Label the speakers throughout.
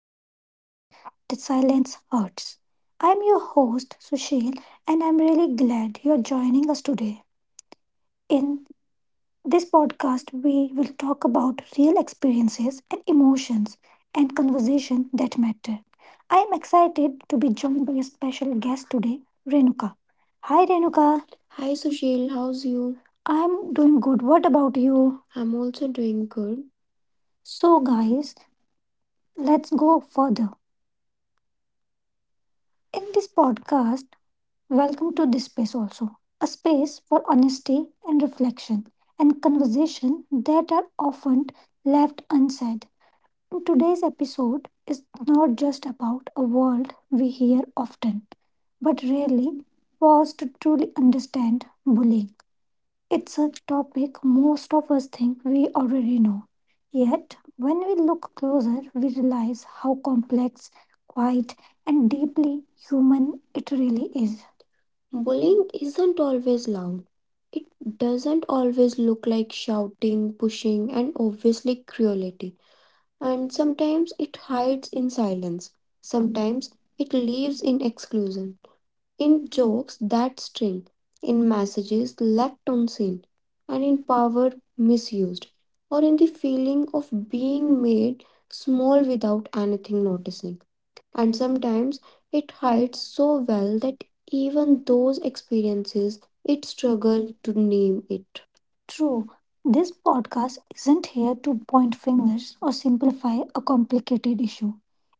Speaker 1: to podcast The Silence Hurts. I'm your host, Sushil, and I'm really glad you're joining us today. In this podcast, we will talk about real experiences and emotions and conversation that matter. I am excited to be joined by a special guest today, Renuka. Hi, Renuka. Hi Sushil, how's you? I'm doing good. What about you? I'm also doing good. So, guys, let's go further. In this podcast, welcome to this space also, a space for honesty and reflection and conversation that are often left unsaid. And today's episode is not just about a world we hear often, but rarely pause to truly understand bullying. It's a topic most of us think we already know. Yet, when we look closer, we realize how complex, quiet, and deeply human it really is. Bullying isn't always loud. It doesn't always look like shouting, pushing, and obviously cruelty. And sometimes it hides in silence. Sometimes it lives in exclusion, in jokes that sting, in messages left unseen, and in power misused, or in the feeling of being made small without anything noticing. And sometimes it hides so well that even those experiences it struggle to name it. True. This podcast isn't here to point fingers or simplify a complicated issue.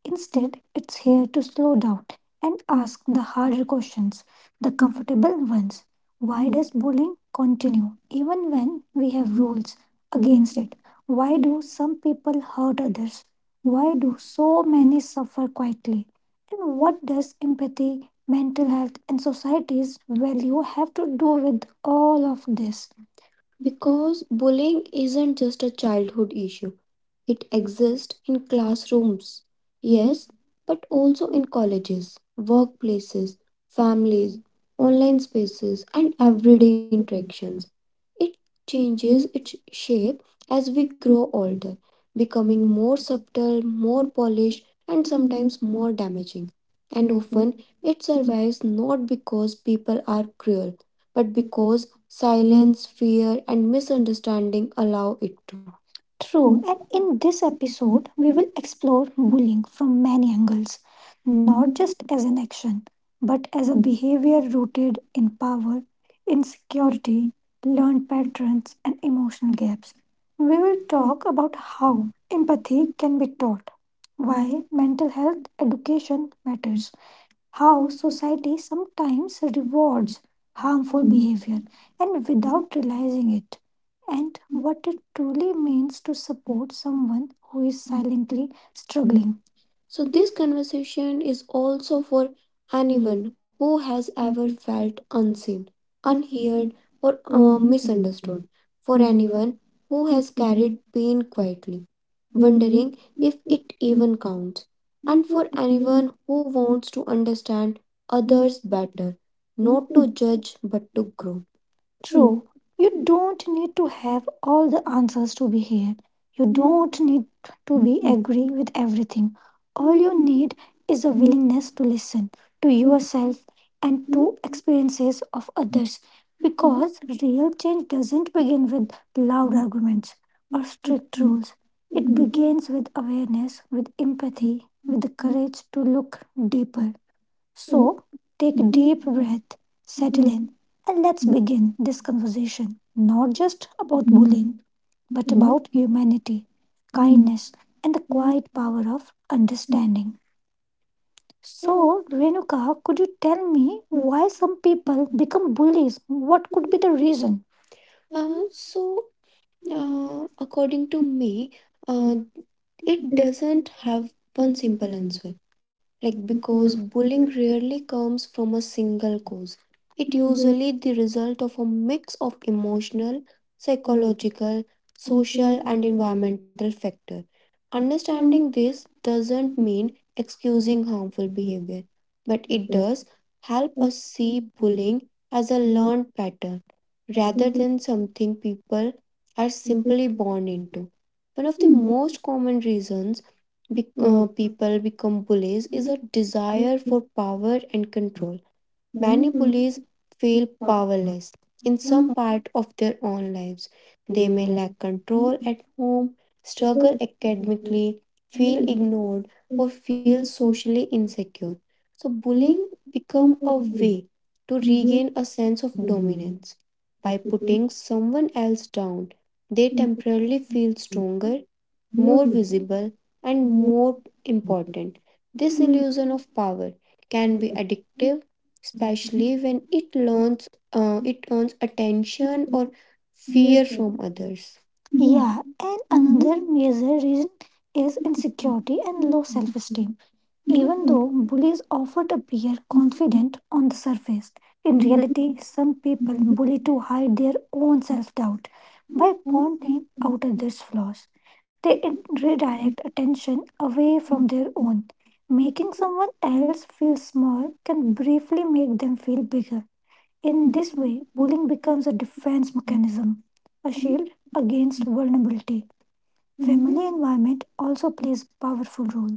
Speaker 1: Instead, it's here to slow down and ask the harder questions, the comfortable ones. Why does bullying continue even when we have rules against it? Why do some people hurt others? Why do so many suffer quietly? And what does empathy, mental health, and society's value have to do with all of this? Because bullying isn't just a childhood issue. It exists in classrooms,
Speaker 2: you.
Speaker 1: yes, but also in colleges, workplaces, families, online spaces, and everyday interactions. It changes its shape as we grow older, becoming more subtle, more polished, and sometimes more damaging. And often it survives not because people are cruel, but because silence, fear, and misunderstanding allow it to. True, and in this episode, we will explore bullying from many angles, not just as an action, but as a behavior rooted in power, insecurity, learned patterns, and emotional gaps. We will talk about how empathy can be taught, why mental health education matters, how society sometimes rewards harmful
Speaker 2: Thank
Speaker 1: behavior and without realizing it, and what it truly means to support someone who is silently struggling. So, this conversation is also for anyone who has ever felt unseen, unheard, or misunderstood, for anyone who has carried pain quietly, wondering if it even counts, and for anyone who wants to understand others better, not to judge but to grow. True, you don't need to have all the answers to be here. You don't need to be agree with everything. All you need is a
Speaker 2: you.
Speaker 1: willingness to listen to yourself and
Speaker 2: Thank
Speaker 1: to experiences of others, because real change doesn't begin with loud arguments or strict rules. It begins with awareness, with empathy, with the courage to look deeper. So take a deep breath, settle in, and let's begin this conversation not just about bullying, but about humanity, kindness, and the quiet power of understanding. So, Renuka, could you tell me why some people become bullies? What could be the reason? Uh, so according to me, uh, it doesn't have one simple answer. Like, because bullying rarely comes from a single cause, it usually the result of a mix of emotional, psychological, social, and environmental factor. Understanding this doesn't mean excusing harmful behavior, but it does help us see bullying as a learned pattern rather than something people are simply born into. One of the most common reasons people become bullies is a desire for power and control. Many police feel powerless in some part of their own lives. They may lack control at home, struggle academically, feel ignored, or feel socially insecure. So bullying become a way to
Speaker 2: you.
Speaker 1: regain a sense of
Speaker 2: Да,
Speaker 1: dominance. By
Speaker 2: вот теперь
Speaker 1: putting someone else down, they
Speaker 2: каким-то
Speaker 1: temporarily feel stronger, more
Speaker 2: сложным и
Speaker 1: visible, and
Speaker 2: неожиданным,
Speaker 1: more
Speaker 2: и
Speaker 1: important. This
Speaker 2: каким-то
Speaker 1: illusion of power can be addictive, especially when it learns it earns attention
Speaker 2: интересным.
Speaker 1: or
Speaker 2: Да, и я
Speaker 1: fear
Speaker 2: всегда
Speaker 1: from others.
Speaker 2: думала,
Speaker 1: Yeah, and
Speaker 2: для меня
Speaker 1: another major reason is insecurity and low self esteem. Even though bullies often appear confident on the surface, in reality, some people bully to hide their own self doubt
Speaker 2: так,
Speaker 1: by
Speaker 2: что
Speaker 1: pointing out others' flaws. They redirect attention away from their own. Making someone else feel small can briefly make them feel bigger. In this way, bullying becomes a defense mechanism, a shield against vulnerability. Family environment also plays a powerful role.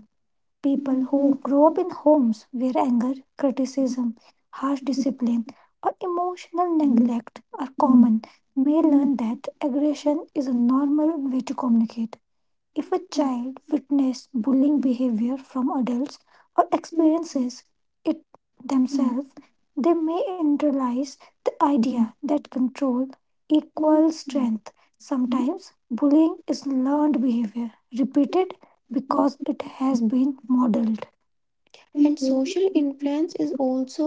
Speaker 1: People who grow up in homes where anger, criticism, harsh discipline, or emotional neglect are common may learn that aggression is a normal way to communicate. If a child witnessed bullying behavior from adults or experiences it themselves, they may internalize the idea that control equals strength. Sometimes bullying is learned behavior, repeated because it has been modeled, and
Speaker 2: слушать,
Speaker 1: social influence is also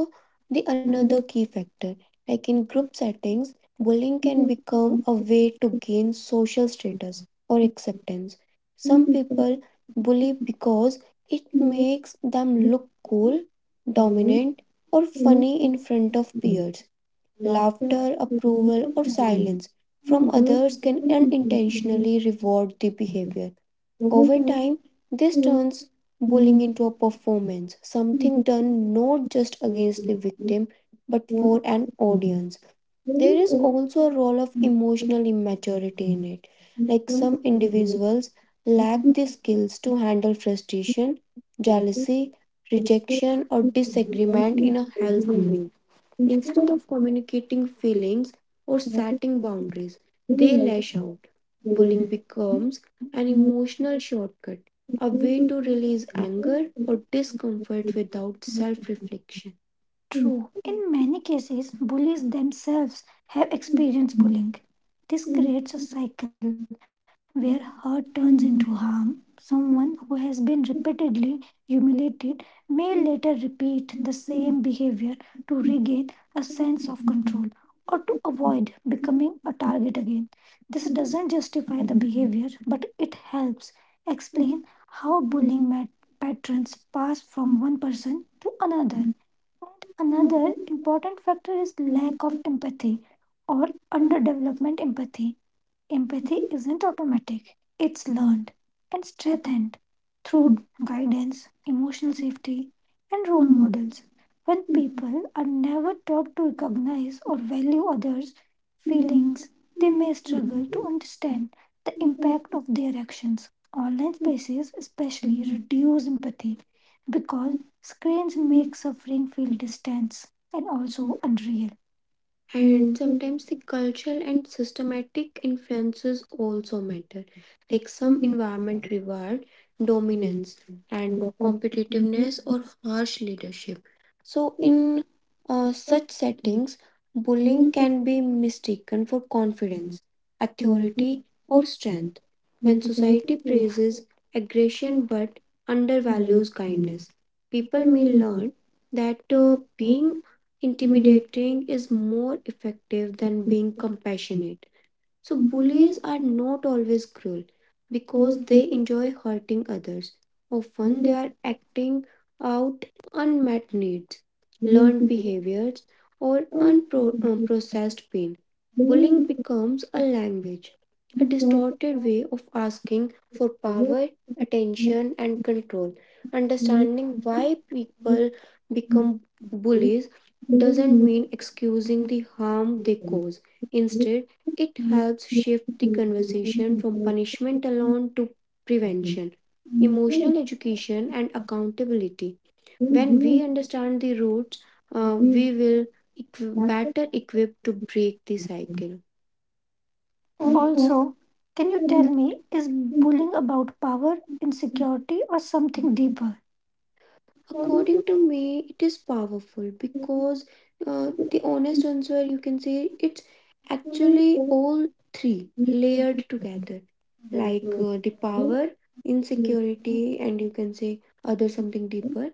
Speaker 2: что
Speaker 1: the
Speaker 2: мы
Speaker 1: another key factor, like in group settings bullying
Speaker 2: достигли,
Speaker 1: can become
Speaker 2: и
Speaker 1: a way to gain social status or acceptance. Some
Speaker 2: всякие
Speaker 1: people bully because it
Speaker 2: такие
Speaker 1: makes them look cool,
Speaker 2: высказывания,
Speaker 1: dominant, or
Speaker 2: что мы
Speaker 1: funny in front of
Speaker 2: все,
Speaker 1: peers.
Speaker 2: ласка,
Speaker 1: Laughter,
Speaker 2: что мы
Speaker 1: approval or
Speaker 2: спокойны.
Speaker 1: silence
Speaker 2: Это
Speaker 1: from
Speaker 2: было
Speaker 1: others can
Speaker 2: абсолютно интересно.
Speaker 1: unintentionally reward the behavior. Over
Speaker 2: Благодаря,
Speaker 1: time,
Speaker 2: что
Speaker 1: this
Speaker 2: мы
Speaker 1: turns bullying
Speaker 2: достигли
Speaker 1: into a performance,
Speaker 2: такие
Speaker 1: something done not just against
Speaker 2: высказывания,
Speaker 1: the
Speaker 2: что
Speaker 1: victim
Speaker 2: мы
Speaker 1: but
Speaker 2: спокойны.
Speaker 1: for an audience.
Speaker 2: There
Speaker 1: There
Speaker 2: is
Speaker 1: is
Speaker 2: also
Speaker 1: also a role of emotional immaturity in it. Like
Speaker 2: some
Speaker 1: some
Speaker 2: experience
Speaker 1: individuals lack
Speaker 2: with
Speaker 1: the skills to handle frustration,
Speaker 2: this.
Speaker 1: jealousy,
Speaker 2: Thank
Speaker 1: rejection, or disagreement in a healthy way. Instead of communicating feelings or setting boundaries, they lash out. Bullying becomes an emotional shortcut, a way to release anger or discomfort without self reflection. True. In many cases, bullies themselves have experienced bullying. This creates a cycle where hurt turns into harm. Someone who has been repeatedly humiliated may later repeat the same behavior to regain a sense of control or to avoid becoming a target again. This doesn't justify the behavior, but it helps explain how bullying patterns pass from one person to another. Another important factor is lack of empathy or underdevelopment empathy. Empathy isn't automatic, it's learned and strengthened through guidance, emotional safety, and role models. When people are never taught to recognize or value others' feelings, they may struggle to understand the impact of their actions. Online spaces, especially, reduce empathy because screens make suffering feel distant and also unreal. And sometimes the cultural and systematic influences also matter. Like some environment reward dominance and competitiveness or harsh leadership. So in such settings, bullying can be mistaken for confidence, authority, or strength. When society praises aggression but undervalues kindness, people may learn that being intimidating is more effective than being compassionate. So, bullies are not always cruel because they enjoy hurting others. Often, they are acting out unmet needs, learned behaviors, or unprocessed pain. Bullying becomes a language, a
Speaker 2: you.
Speaker 1: distorted way of asking for
Speaker 2: Yes, there is a power
Speaker 1: power,
Speaker 2: in
Speaker 1: attention, and control. Understanding why people become bullies doesn't mean excusing the harm they cause. Instead, it helps shift the conversation from punishment alone to prevention, emotional education, and accountability. When we understand the roots, we will better equipped to break the cycle. Also, can you tell me, is bullying about power, insecurity, or something deeper? According to me, it is powerful because the honest answer you can say it's actually all three layered together, like the power, insecurity, and you can say other something deeper.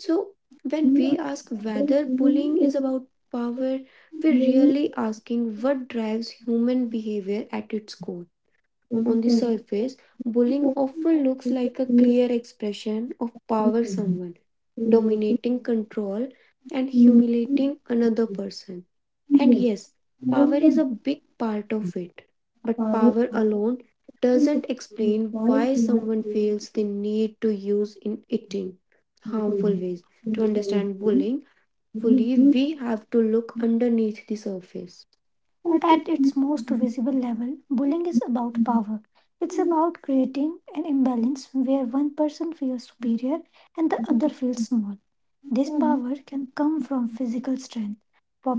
Speaker 1: So when we ask whether bullying is about power, we're really asking what drives human behavior at its core. On the surface, bullying often looks like a clear expression of power, someone dominating control and humiliating another person. And yes, power is a big part of it. But power alone doesn't
Speaker 2: experience
Speaker 1: explain
Speaker 2: while
Speaker 1: why
Speaker 2: in
Speaker 1: someone feels the need to use in it in
Speaker 2: Mukul
Speaker 1: harmful
Speaker 2: Dev,
Speaker 1: ways. To
Speaker 2: देवताएं
Speaker 1: understand
Speaker 2: Devi
Speaker 1: bullying fully,
Speaker 2: देवता भी
Speaker 1: we have to look underneath the surface.
Speaker 2: पाठिक
Speaker 1: At its
Speaker 2: समाज
Speaker 1: most visible level, bullying is about
Speaker 2: में
Speaker 1: power. It's
Speaker 2: साबित हैं
Speaker 1: about creating an imbalance where one person feels superior and the other feels small.
Speaker 2: जो
Speaker 1: This
Speaker 2: उसके लिए
Speaker 1: power can come from physical strength,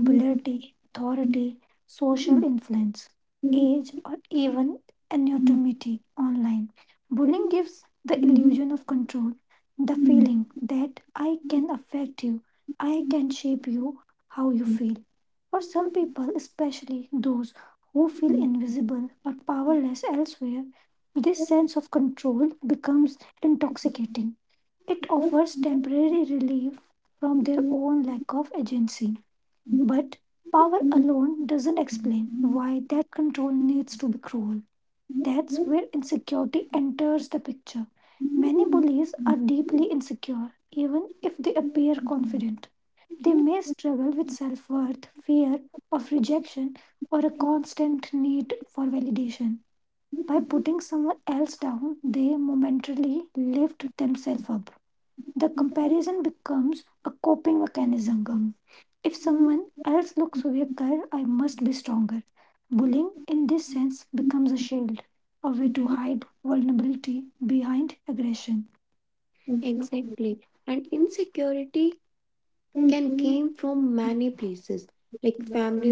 Speaker 2: निर्धारित
Speaker 1: authority, social influence, age, or even anonymity online. Bullying gives the illusion of control, the
Speaker 2: करने
Speaker 1: feeling that I can affect you, I can shape you, how you feel. For some people, especially those who feel invisible or powerless elsewhere, this sense of control becomes intoxicating. It offers temporary relief from their own lack of agency. But power alone doesn't explain why that control needs to be cruel. That's where insecurity enters the picture. Many bullies are deeply insecure, even if they appear confident. They may struggle with self worth, fear of rejection, or a constant need for validation. By putting someone else down, they momentarily lift themselves up. The comparison becomes a coping mechanism. If someone else looks weaker, I must be stronger. Bullying, in this sense, becomes a shield, a way to hide vulnerability behind aggression. Exactly. And insecurity can came from many places, like family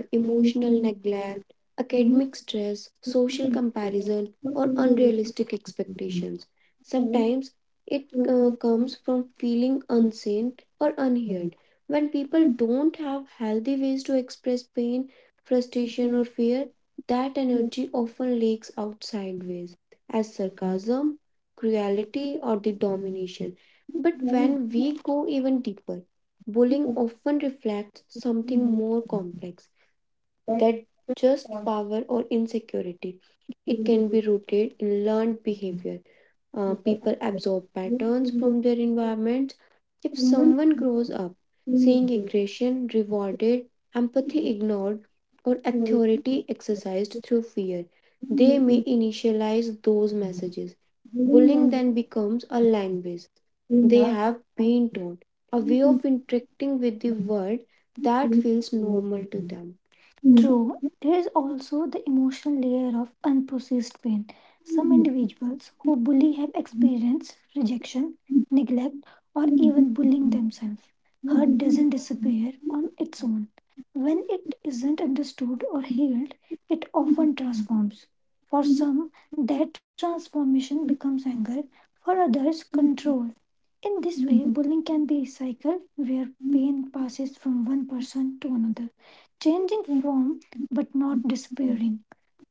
Speaker 2: के लिए
Speaker 1: emotional
Speaker 2: तैयार हैं।
Speaker 1: neglect,
Speaker 2: उन्हें
Speaker 1: academic stress,
Speaker 2: तो
Speaker 1: social
Speaker 2: लोग
Speaker 1: comparison
Speaker 2: ऐसा
Speaker 1: or
Speaker 2: कहते
Speaker 1: unrealistic expectations. Sometimes it comes from feeling unseen or unheard. When people don't have healthy ways to express pain, frustration or fear, that energy often leaks out sideways as sarcasm,
Speaker 2: हैं
Speaker 1: cruelty or the domination.
Speaker 2: कि
Speaker 1: But
Speaker 2: नाम
Speaker 1: when we go even deeper,
Speaker 2: से
Speaker 1: Bowling
Speaker 2: उन्हें
Speaker 1: often reflects something
Speaker 2: जानते हैं।
Speaker 1: more complex that just power or insecurity. It can be rooted in learned behavior. People absorb patterns from their environment. If someone grows up seeing aggression rewarded, empathy ignored, or
Speaker 2: उन्हें तो तुम
Speaker 1: authority exercised through fear, they
Speaker 2: लोग ऐसा
Speaker 1: may initialize those messages.
Speaker 2: कहते
Speaker 1: Bullying
Speaker 2: हैं
Speaker 1: then becomes a language
Speaker 2: कि
Speaker 1: they
Speaker 2: नाम
Speaker 1: have been taught, a way of interacting with the world
Speaker 2: से
Speaker 1: that feels
Speaker 2: उन्हें जानते
Speaker 1: normal
Speaker 2: हैं।
Speaker 1: to them.
Speaker 2: छु feather
Speaker 1: True, there is also the emotional layer of unprocessed pain. Some
Speaker 2: में
Speaker 1: individuals who bully have experienced rejection, neglect, or
Speaker 2: पराम
Speaker 1: even
Speaker 2: मीक
Speaker 1: bullying themselves.
Speaker 2: आसमा
Speaker 1: Hurt doesn't
Speaker 2: में
Speaker 1: disappear on its own. When it isn't understood or healed, it often transforms. For some, that transformation becomes anger, for others, control. In this way, bullying can be a cycle where pain passes from one person to another, changing form but not disappearing.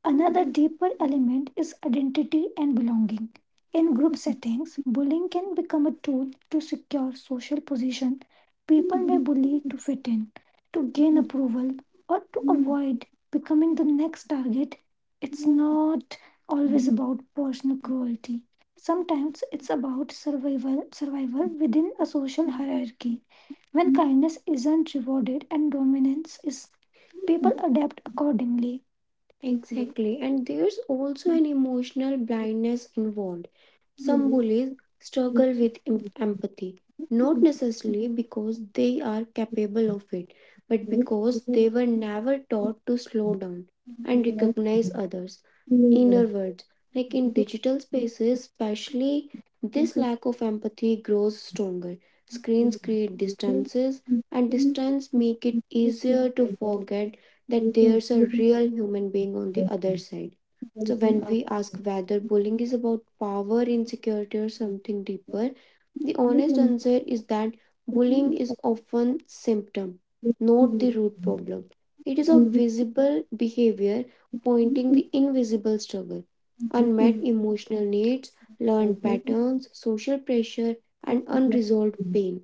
Speaker 1: Another deeper element is identity and belonging. In group settings, bullying can become a tool to secure social position. People may bully to fit in, to gain approval, or to avoid becoming the next target. It's not always about personal cruelty. Sometimes it's about survival within a social hierarchy. When kindness isn't rewarded and dominance is, people adapt accordingly.
Speaker 2: पोस्ता हुआ तरत
Speaker 1: Exactly, and there's also an emotional blindness involved.
Speaker 2: कि यह
Speaker 1: Some
Speaker 2: दोग्साओी
Speaker 1: bullies struggle with empathy, not necessarily because they are capable of it, but because
Speaker 2: जा
Speaker 1: they were never taught to slow down and recognize others'
Speaker 2: कि अहीं है कंछ
Speaker 1: inner
Speaker 2: par
Speaker 1: words. Like
Speaker 2: par
Speaker 1: in
Speaker 2: वहले है कि अी एि시에 लिता
Speaker 1: digital
Speaker 2: नहनry अपराँ प.
Speaker 1: spaces, especially, this
Speaker 2: Keeping
Speaker 1: lack of empathy grows stronger. Screens create distances, and distance make it
Speaker 2: your है, तनेossen तरत कि Renee जाकétais। कि
Speaker 1: easier to
Speaker 2: ऑने कि तो
Speaker 1: forget that there's a
Speaker 2: expos
Speaker 1: real human
Speaker 2: нав
Speaker 1: being on the other
Speaker 2: adjacent
Speaker 1: side.
Speaker 2: to the
Speaker 1: So
Speaker 2: holiday
Speaker 1: when
Speaker 2: school
Speaker 1: we ask whether bullying is about power, insecurity, or something deeper, the honest answer is that bullying is often symptom, not the root problem. It is a visible behavior pointing the invisible struggle, unmet emotional needs, learned patterns, social pressure, and unresolved pain.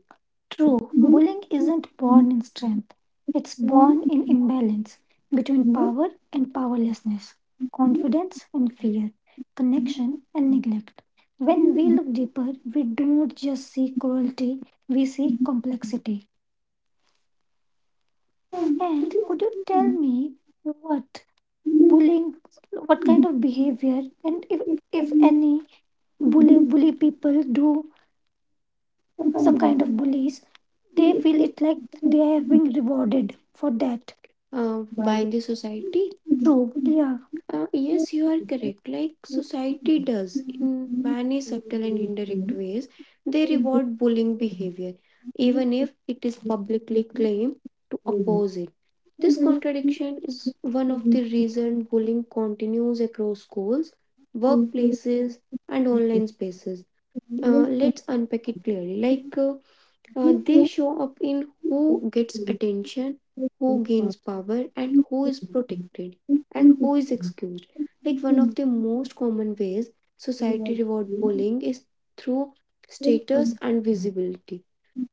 Speaker 1: True, bullying isn't born in strength, it's born in imbalance between power and powerlessness, confidence and fear, connection and neglect. When we look deeper, we don't just see cruelty, we see complexity. And could you tell me what bullying, what kind of behavior, and if any bully, bully people do some kind of
Speaker 2: tonight
Speaker 1: bullies, they
Speaker 2: नहीद
Speaker 1: feel it like
Speaker 2: समाला राम
Speaker 1: they have been rewarded for that. uh, by
Speaker 2: भार्यग्स
Speaker 1: the society. True. Yeah.
Speaker 2: to्का.
Speaker 1: Yes, you are correct. Like society does
Speaker 2: Thank
Speaker 1: in many subtle and indirect ways, they reward bullying behavior, even if it is publicly claimed to oppose it. This contradiction is one of the reasons bullying continues across schools, workplaces, and
Speaker 2: you.
Speaker 1: online spaces. Let's unpack it clearly. They show up in who gets attention, who gains power, and who is protected, and who is excused. Like one of the most common ways society reward bullying is through status and visibility.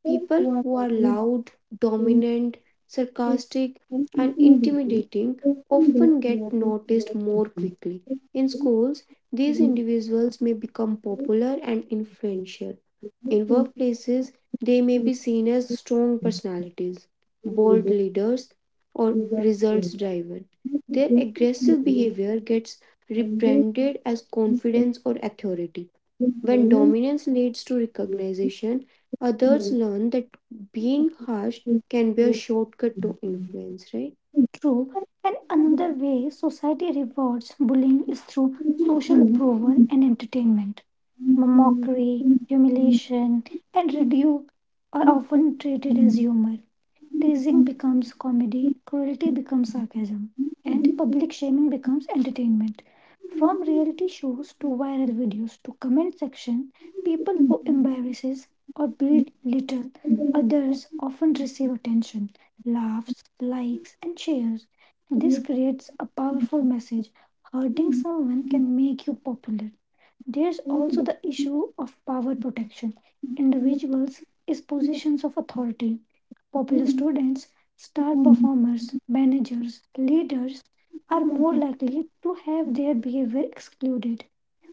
Speaker 1: People who are loud, dominant, sarcastic, and intimidating often get noticed more quickly. In schools, these individuals may become popular and influential in workplaces, they may be seen as strong personalities, bold leaders, or results driven. Their aggressive behavior gets rebranded as confidence or authority. When dominance leads to recognition, others
Speaker 2: Thank
Speaker 1: learn that being harsh can be a shortcut to influence, right? True. And another way society rewards bullying is through social approval and entertainment mockery, humiliation, and ridicule are often treated as humor. Teasing becomes comedy, cruelty becomes sarcasm, and public shaming becomes entertainment. From reality shows to viral videos to comment section, people who embarrasses or belittle others often receive attention, laughs, likes, and shares. This creates a powerful message. Hurting someone can make you popular there's also the issue of power protection. Individuals is positions of authority. Popular students, star performers, managers, leaders are more likely to have their behavior excluded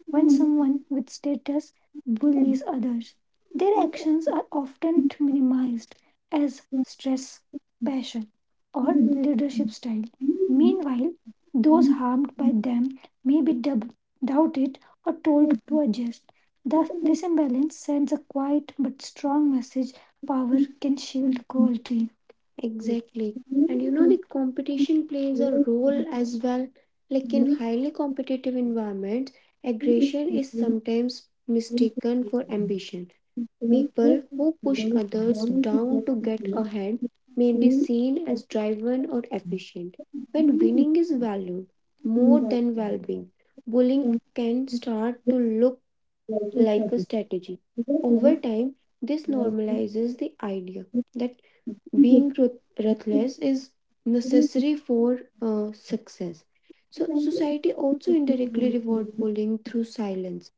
Speaker 1: when someone with status bullies others, their actions are often minimized as stress, passion, or leadership style. Meanwhile, those harmed by them may be doubted or told to adjust. Thus, this imbalance sends a quiet but strong message power can shield cruelty. Exactly. And you know, the competition plays a role as well. Like in highly competitive environments, aggression is sometimes mistaken for ambition. People who push others down to get ahead may be seen as driven or efficient. When winning is valued more than well being, bullying can start to look like a strategy. Over time, this normalizes the idea that being ruthless is necessary for success. So, society also indirectly reward bullying through silence.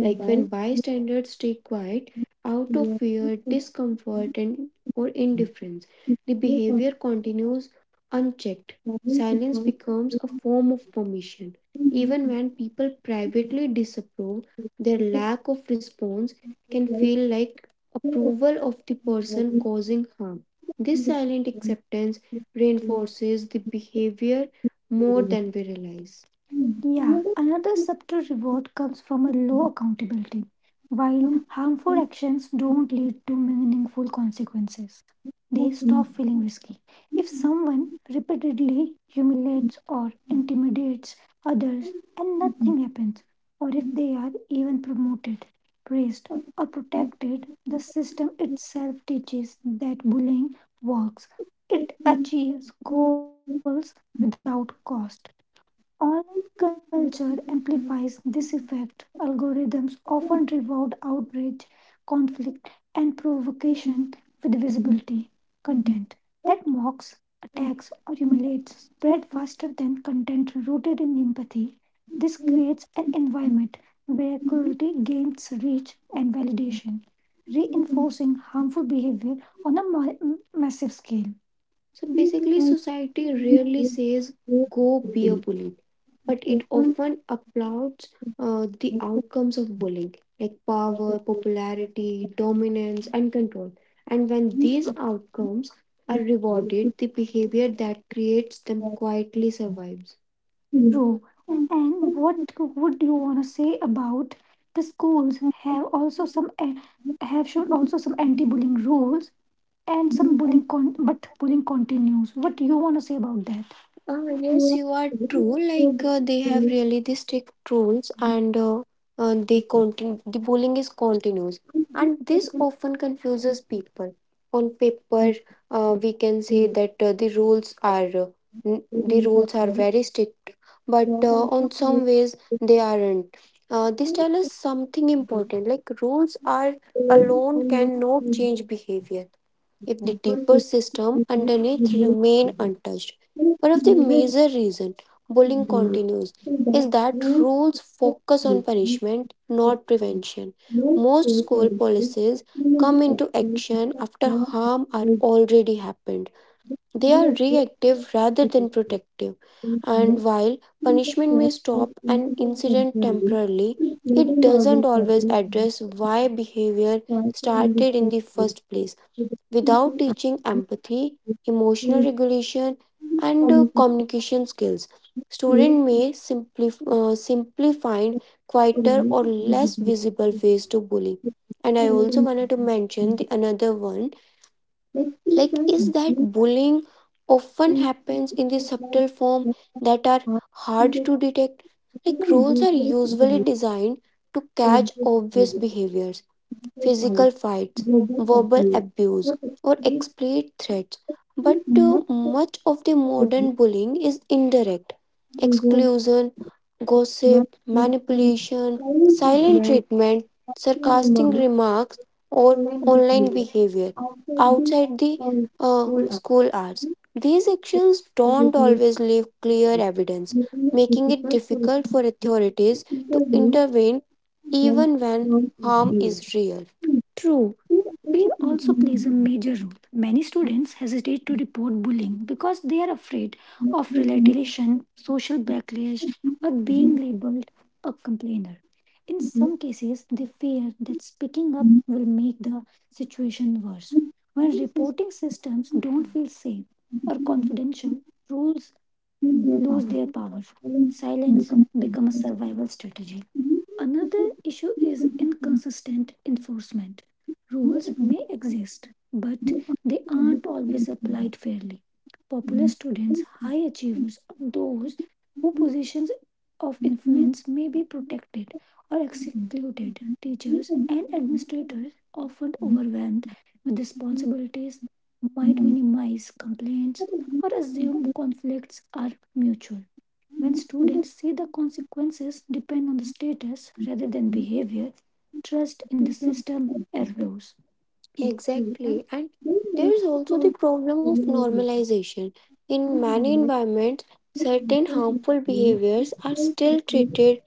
Speaker 1: Like when bystanders stay quiet out of
Speaker 2: Yeah,
Speaker 1: fear,
Speaker 2: because
Speaker 1: discomfort, and or indifference,
Speaker 2: the
Speaker 1: the
Speaker 2: power of
Speaker 1: behavior continues unchecked.
Speaker 2: travel
Speaker 1: Silence
Speaker 2: becomes the
Speaker 1: becomes a
Speaker 2: system
Speaker 1: form of permission.
Speaker 2: and
Speaker 1: Even
Speaker 2: the
Speaker 1: when people privately disapprove, their
Speaker 2: lifestyle of
Speaker 1: lack of response can
Speaker 2: travel
Speaker 1: feel like
Speaker 2: and
Speaker 1: approval of the person
Speaker 2: the
Speaker 1: causing harm. This silent
Speaker 2: system
Speaker 1: acceptance
Speaker 2: to
Speaker 1: reinforces the behavior
Speaker 2: the
Speaker 1: more
Speaker 2: system.
Speaker 1: than we realize. Yeah,
Speaker 2: Another
Speaker 1: another
Speaker 2: thing
Speaker 1: subtle reward comes from a low accountability,
Speaker 2: is
Speaker 1: while
Speaker 2: to
Speaker 1: harmful
Speaker 2: to
Speaker 1: actions don't lead to meaningful consequences. They stop feeling risky. If someone repeatedly humiliates or intimidates others and nothing happens, or if they are even promoted, praised, or protected, the system itself teaches that bullying works. It achieves goals without cost Online culture amplifies this effect. Algorithms often reward outrage, conflict, and provocation with visibility content that mocks, attacks, or humiliates spread faster than content rooted in empathy. This creates an environment where cruelty gains reach and validation, reinforcing harmful behavior on a massive scale.
Speaker 2: the
Speaker 1: So basically,
Speaker 2: society in
Speaker 1: society
Speaker 2: which they
Speaker 1: rarely says
Speaker 2: grow up to
Speaker 1: go
Speaker 2: be.
Speaker 1: be a bully, but
Speaker 2: The
Speaker 1: it
Speaker 2: fun
Speaker 1: often applauds
Speaker 2: of
Speaker 1: the
Speaker 2: the
Speaker 1: outcomes of bullying, like
Speaker 2: the
Speaker 1: power,
Speaker 2: blessing
Speaker 1: popularity, dominance, and control. And when
Speaker 2: of
Speaker 1: these outcomes
Speaker 2: this
Speaker 1: are
Speaker 2: place.
Speaker 1: rewarded, the behavior that creates them quietly survives. True.
Speaker 2: Thank you. Can
Speaker 1: And
Speaker 2: get
Speaker 1: what would you want to say about the schools have also some eh, have shown also some anti-bullying rules and
Speaker 2: the
Speaker 1: some
Speaker 2: concept
Speaker 1: bullying but bullying continues what do you want to say about that
Speaker 2: you are
Speaker 1: Yes, you are
Speaker 2: very
Speaker 1: true.
Speaker 2: much for the
Speaker 1: They have
Speaker 2: place,
Speaker 1: really the strict rules, and they continue. The bullying is continuous,
Speaker 2: and this
Speaker 1: and this
Speaker 2: person
Speaker 1: often confuses people. On paper, we can say that the rules are n- the rules are very strict, but on
Speaker 2: is
Speaker 1: some ways they aren't. This tells
Speaker 2: to
Speaker 1: us something
Speaker 2: you.
Speaker 1: important. Like rules are alone
Speaker 2: Communication
Speaker 1: cannot change behavior if
Speaker 2: is
Speaker 1: the
Speaker 2: only
Speaker 1: deeper system underneath remain untouched. One of the major reasons bullying continues is that rules focus on punishment, not prevention. Most school policies come into action after harm are already happened. They are reactive rather than protective. And while punishment may stop an incident temporarily, it doesn't always address why behavior started in the first place without teaching empathy, emotional regulation, and communication skills. Students may simply, simply find quieter or less
Speaker 2: visible.
Speaker 1: visible ways to bully. And I also wanted to mention the another one
Speaker 2: Like things
Speaker 1: like
Speaker 2: like
Speaker 1: is that
Speaker 2: this
Speaker 1: bullying often
Speaker 2: and
Speaker 1: happens in the
Speaker 2: stuff like
Speaker 1: subtle form
Speaker 2: like
Speaker 1: that are
Speaker 2: how
Speaker 1: hard
Speaker 2: people,
Speaker 1: to detect.
Speaker 2: because
Speaker 1: Like
Speaker 2: I
Speaker 1: roles are
Speaker 2: usually
Speaker 1: usually
Speaker 2: relate
Speaker 1: designed to
Speaker 2: over
Speaker 1: catch obvious
Speaker 2: video,
Speaker 1: behaviors
Speaker 2: because like
Speaker 1: physical fights,
Speaker 2: global
Speaker 1: verbal
Speaker 2: abuse,
Speaker 1: abuse,
Speaker 2: what
Speaker 1: or
Speaker 2: experiences,
Speaker 1: explicit threats. But
Speaker 2: much of
Speaker 1: much of the
Speaker 2: the
Speaker 1: modern bullying is indirect
Speaker 2: users
Speaker 1: exclusion,
Speaker 2: must
Speaker 1: gossip,
Speaker 2: be to
Speaker 1: manipulation,
Speaker 2: silent
Speaker 1: silent
Speaker 2: treatment,
Speaker 1: treatment,
Speaker 2: to
Speaker 1: sarcastic
Speaker 2: remark,
Speaker 1: remarks, or
Speaker 2: online
Speaker 1: online
Speaker 2: behavior
Speaker 1: behavior
Speaker 2: after this,
Speaker 1: outside the
Speaker 2: like school
Speaker 1: school hours. These actions
Speaker 2: after
Speaker 1: don't
Speaker 2: review,
Speaker 1: always leave clear evidence,
Speaker 2: making it
Speaker 1: making it
Speaker 2: difficult for
Speaker 1: difficult for
Speaker 2: people to
Speaker 1: authorities to
Speaker 2: intervene
Speaker 1: intervene
Speaker 2: when
Speaker 1: even when
Speaker 2: from is
Speaker 1: harm
Speaker 2: given.
Speaker 1: is real. True,
Speaker 2: Instead, it's
Speaker 1: fear
Speaker 2: a
Speaker 1: also plays a
Speaker 2: prisoner.
Speaker 1: major role. Many students hesitate to report bullying because they are afraid
Speaker 2: Mostly
Speaker 1: of
Speaker 2: think they
Speaker 1: retaliation, social backlash, or
Speaker 2: exist
Speaker 1: being
Speaker 2: innately.
Speaker 1: labeled a complainer. In
Speaker 2: People
Speaker 1: some cases, they fear that speaking up will make the situation worse. When
Speaker 2: just
Speaker 1: reporting systems don't feel safe or confidential, rules
Speaker 2: keep their
Speaker 1: lose
Speaker 2: power
Speaker 1: their power.
Speaker 2: silent,
Speaker 1: Silence
Speaker 2: become
Speaker 1: becomes a
Speaker 2: selfless.
Speaker 1: survival strategy.
Speaker 2: Even pushes
Speaker 1: Another
Speaker 2: people
Speaker 1: issue
Speaker 2: to
Speaker 1: is
Speaker 2: be
Speaker 1: inconsistent enforcement.
Speaker 2: aggressive
Speaker 1: Rules
Speaker 2: or resistance.
Speaker 1: may exist, but
Speaker 2: And
Speaker 1: they
Speaker 2: see
Speaker 1: aren't always
Speaker 2: everything
Speaker 1: applied fairly. Popular
Speaker 2: nice,
Speaker 1: students, high achievers, or those whose positions of influence may be protected or excluded. Teachers and administrators, often overwhelmed with responsibilities, might minimize complaints
Speaker 2: but every
Speaker 1: or assume
Speaker 2: reflects
Speaker 1: conflicts are mutual. When students see the consequences depend on the status rather than behavior, trust in the
Speaker 2: system as
Speaker 1: system erodes.
Speaker 2: true. And
Speaker 1: Exactly. And
Speaker 2: they make
Speaker 1: there is
Speaker 2: the
Speaker 1: also
Speaker 2: world
Speaker 1: the problem of
Speaker 2: believe in
Speaker 1: normalization. In many
Speaker 2: moment
Speaker 1: environments,
Speaker 2: they people
Speaker 1: certain harmful
Speaker 2: behave, and
Speaker 1: behaviors are
Speaker 2: they
Speaker 1: still
Speaker 2: take this
Speaker 1: treated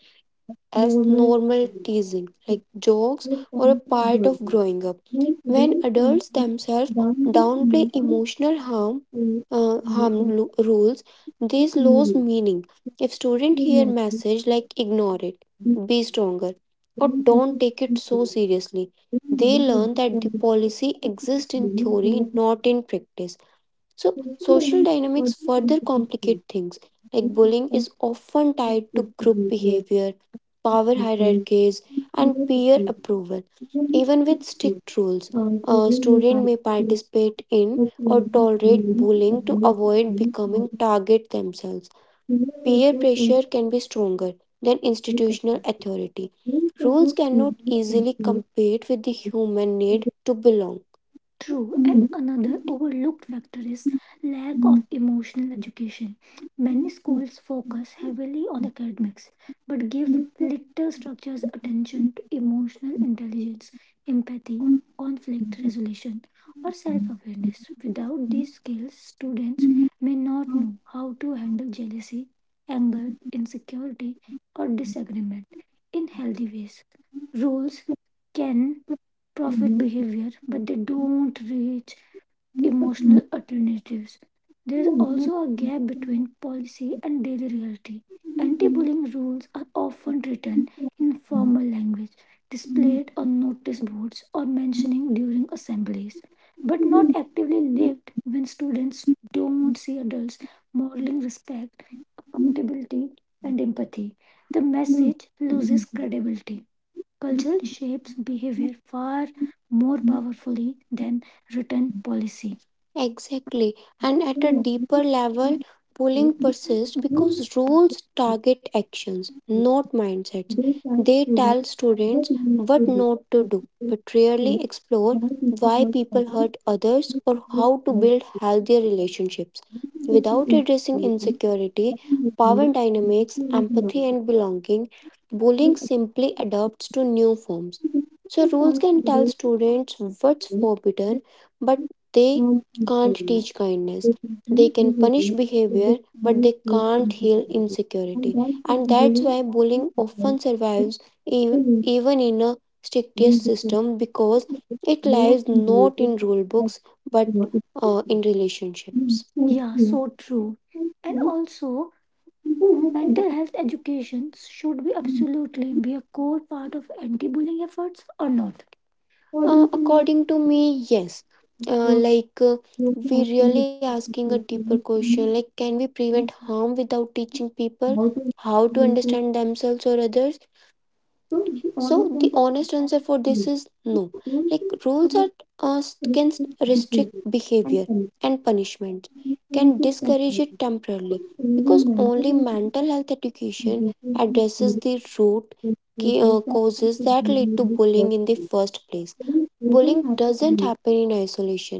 Speaker 1: as
Speaker 2: normal
Speaker 1: normal
Speaker 2: space.
Speaker 1: teasing,
Speaker 2: It's
Speaker 1: like
Speaker 2: their
Speaker 1: jokes or a
Speaker 2: cognitive
Speaker 1: part
Speaker 2: journey.
Speaker 1: of growing up.
Speaker 2: When today
Speaker 1: When
Speaker 2: comes
Speaker 1: adults themselves
Speaker 2: down to
Speaker 1: downplay
Speaker 2: emotional
Speaker 1: emotional harm,
Speaker 2: space,
Speaker 1: rules,
Speaker 2: thank
Speaker 1: this
Speaker 2: you.
Speaker 1: lose meaning. If student hear message like ignore it, be stronger, or don't take it so seriously, they learn that the policy exists in theory, not in practice. So, social dynamics further complicate things. Like bullying is often tied to group behavior, power hierarchies, and peer approval. Even with strict rules, a student may participate in or tolerate bullying to avoid becoming target themselves. Peer pressure can be stronger than institutional authority. Rules cannot easily compete with the human need to belong. True, and another overlooked factor is lack of emotional education. Many schools focus heavily on academics but give little structures attention to emotional intelligence, empathy, conflict resolution, or self awareness. Without these skills, students may not know how to handle jealousy, anger, insecurity, or disagreement in healthy ways. Rules can profit behavior, but they don't reach emotional alternatives. There's also a gap between policy and daily reality. Anti bullying rules are often written in formal language, displayed on notice boards, or mentioning during assemblies, but not actively lived when students don't see adults modeling respect, accountability, and empathy. The
Speaker 2: No,
Speaker 1: message
Speaker 2: we feel
Speaker 1: loses
Speaker 2: like
Speaker 1: credibility. Culture shapes behavior far more
Speaker 2: we
Speaker 1: powerfully than written policy. Exactly. And at a
Speaker 2: take
Speaker 1: deeper level, bullying persists
Speaker 2: more
Speaker 1: because rules target actions, not mindsets.
Speaker 2: daytime
Speaker 1: They
Speaker 2: children
Speaker 1: tell
Speaker 2: that
Speaker 1: students
Speaker 2: need to
Speaker 1: what
Speaker 2: do,
Speaker 1: not to
Speaker 2: because
Speaker 1: do,
Speaker 2: it's
Speaker 1: but
Speaker 2: so
Speaker 1: rarely explore
Speaker 2: why people
Speaker 1: why
Speaker 2: work
Speaker 1: people hurt
Speaker 2: against
Speaker 1: others
Speaker 2: this
Speaker 1: or
Speaker 2: group
Speaker 1: how to
Speaker 2: as
Speaker 1: build healthier relationships.
Speaker 2: integrating
Speaker 1: Without addressing
Speaker 2: institutions
Speaker 1: insecurity,
Speaker 2: that
Speaker 1: power
Speaker 2: motivate and
Speaker 1: dynamics,
Speaker 2: technological
Speaker 1: empathy,
Speaker 2: activism
Speaker 1: and belonging, bullying simply adapts to new forms. So,
Speaker 2: task
Speaker 1: rules
Speaker 2: to
Speaker 1: can
Speaker 2: their
Speaker 1: tell students what's
Speaker 2: students that
Speaker 1: forbidden, but they
Speaker 2: form
Speaker 1: can't
Speaker 2: employment.
Speaker 1: teach kindness.
Speaker 2: They
Speaker 1: They
Speaker 2: continue
Speaker 1: can punish
Speaker 2: behavior that they
Speaker 1: behavior, but
Speaker 2: find
Speaker 1: they
Speaker 2: was
Speaker 1: can't heal
Speaker 2: insecurity. And
Speaker 1: insecurity.
Speaker 2: that's why
Speaker 1: And that's
Speaker 2: bullying
Speaker 1: why bullying
Speaker 2: is an
Speaker 1: often
Speaker 2: instance,
Speaker 1: survives e-
Speaker 2: because
Speaker 1: even in a strictest system because
Speaker 2: it is
Speaker 1: it
Speaker 2: more
Speaker 1: lies
Speaker 2: than
Speaker 1: not
Speaker 2: related.
Speaker 1: in rule
Speaker 2: So
Speaker 1: books
Speaker 2: it
Speaker 1: but
Speaker 2: will be
Speaker 1: in relationships.
Speaker 2: thank
Speaker 1: Yeah,
Speaker 2: you,
Speaker 1: so true.
Speaker 2: thank
Speaker 1: And
Speaker 2: you.
Speaker 1: also,
Speaker 2: And
Speaker 1: mental health education should be absolutely be a core part of anti-bullying efforts or not?
Speaker 2: according to me,
Speaker 1: According to me, yes. Uh,
Speaker 2: you
Speaker 1: like uh,
Speaker 2: you
Speaker 1: we
Speaker 2: have to
Speaker 1: really
Speaker 2: be
Speaker 1: asking a
Speaker 2: difficult to
Speaker 1: deeper question
Speaker 2: listen
Speaker 1: like can we prevent harm without teaching people
Speaker 2: how to
Speaker 1: how to
Speaker 2: themselves.
Speaker 1: understand themselves or others?
Speaker 2: So the honest
Speaker 1: So the
Speaker 2: answer is
Speaker 1: honest answer for
Speaker 2: no.
Speaker 1: this is
Speaker 2: If
Speaker 1: no.
Speaker 2: you don't
Speaker 1: Like
Speaker 2: think
Speaker 1: rules are
Speaker 2: honest,
Speaker 1: uh, can
Speaker 2: respect
Speaker 1: restrict
Speaker 2: behavior and
Speaker 1: behavior
Speaker 2: commitment,
Speaker 1: and punishment
Speaker 2: you
Speaker 1: can
Speaker 2: give that
Speaker 1: discourage it
Speaker 2: person. So
Speaker 1: temporarily
Speaker 2: only
Speaker 1: because
Speaker 2: mental
Speaker 1: only
Speaker 2: health
Speaker 1: mental health
Speaker 2: is
Speaker 1: education
Speaker 2: related
Speaker 1: addresses
Speaker 2: to
Speaker 1: the root
Speaker 2: good behavior that is
Speaker 1: causes
Speaker 2: to
Speaker 1: that
Speaker 2: be
Speaker 1: lead
Speaker 2: in
Speaker 1: to
Speaker 2: the first
Speaker 1: bullying in the
Speaker 2: place.
Speaker 1: first place.
Speaker 2: So you doesn't
Speaker 1: Bullying
Speaker 2: have
Speaker 1: doesn't
Speaker 2: to
Speaker 1: happen in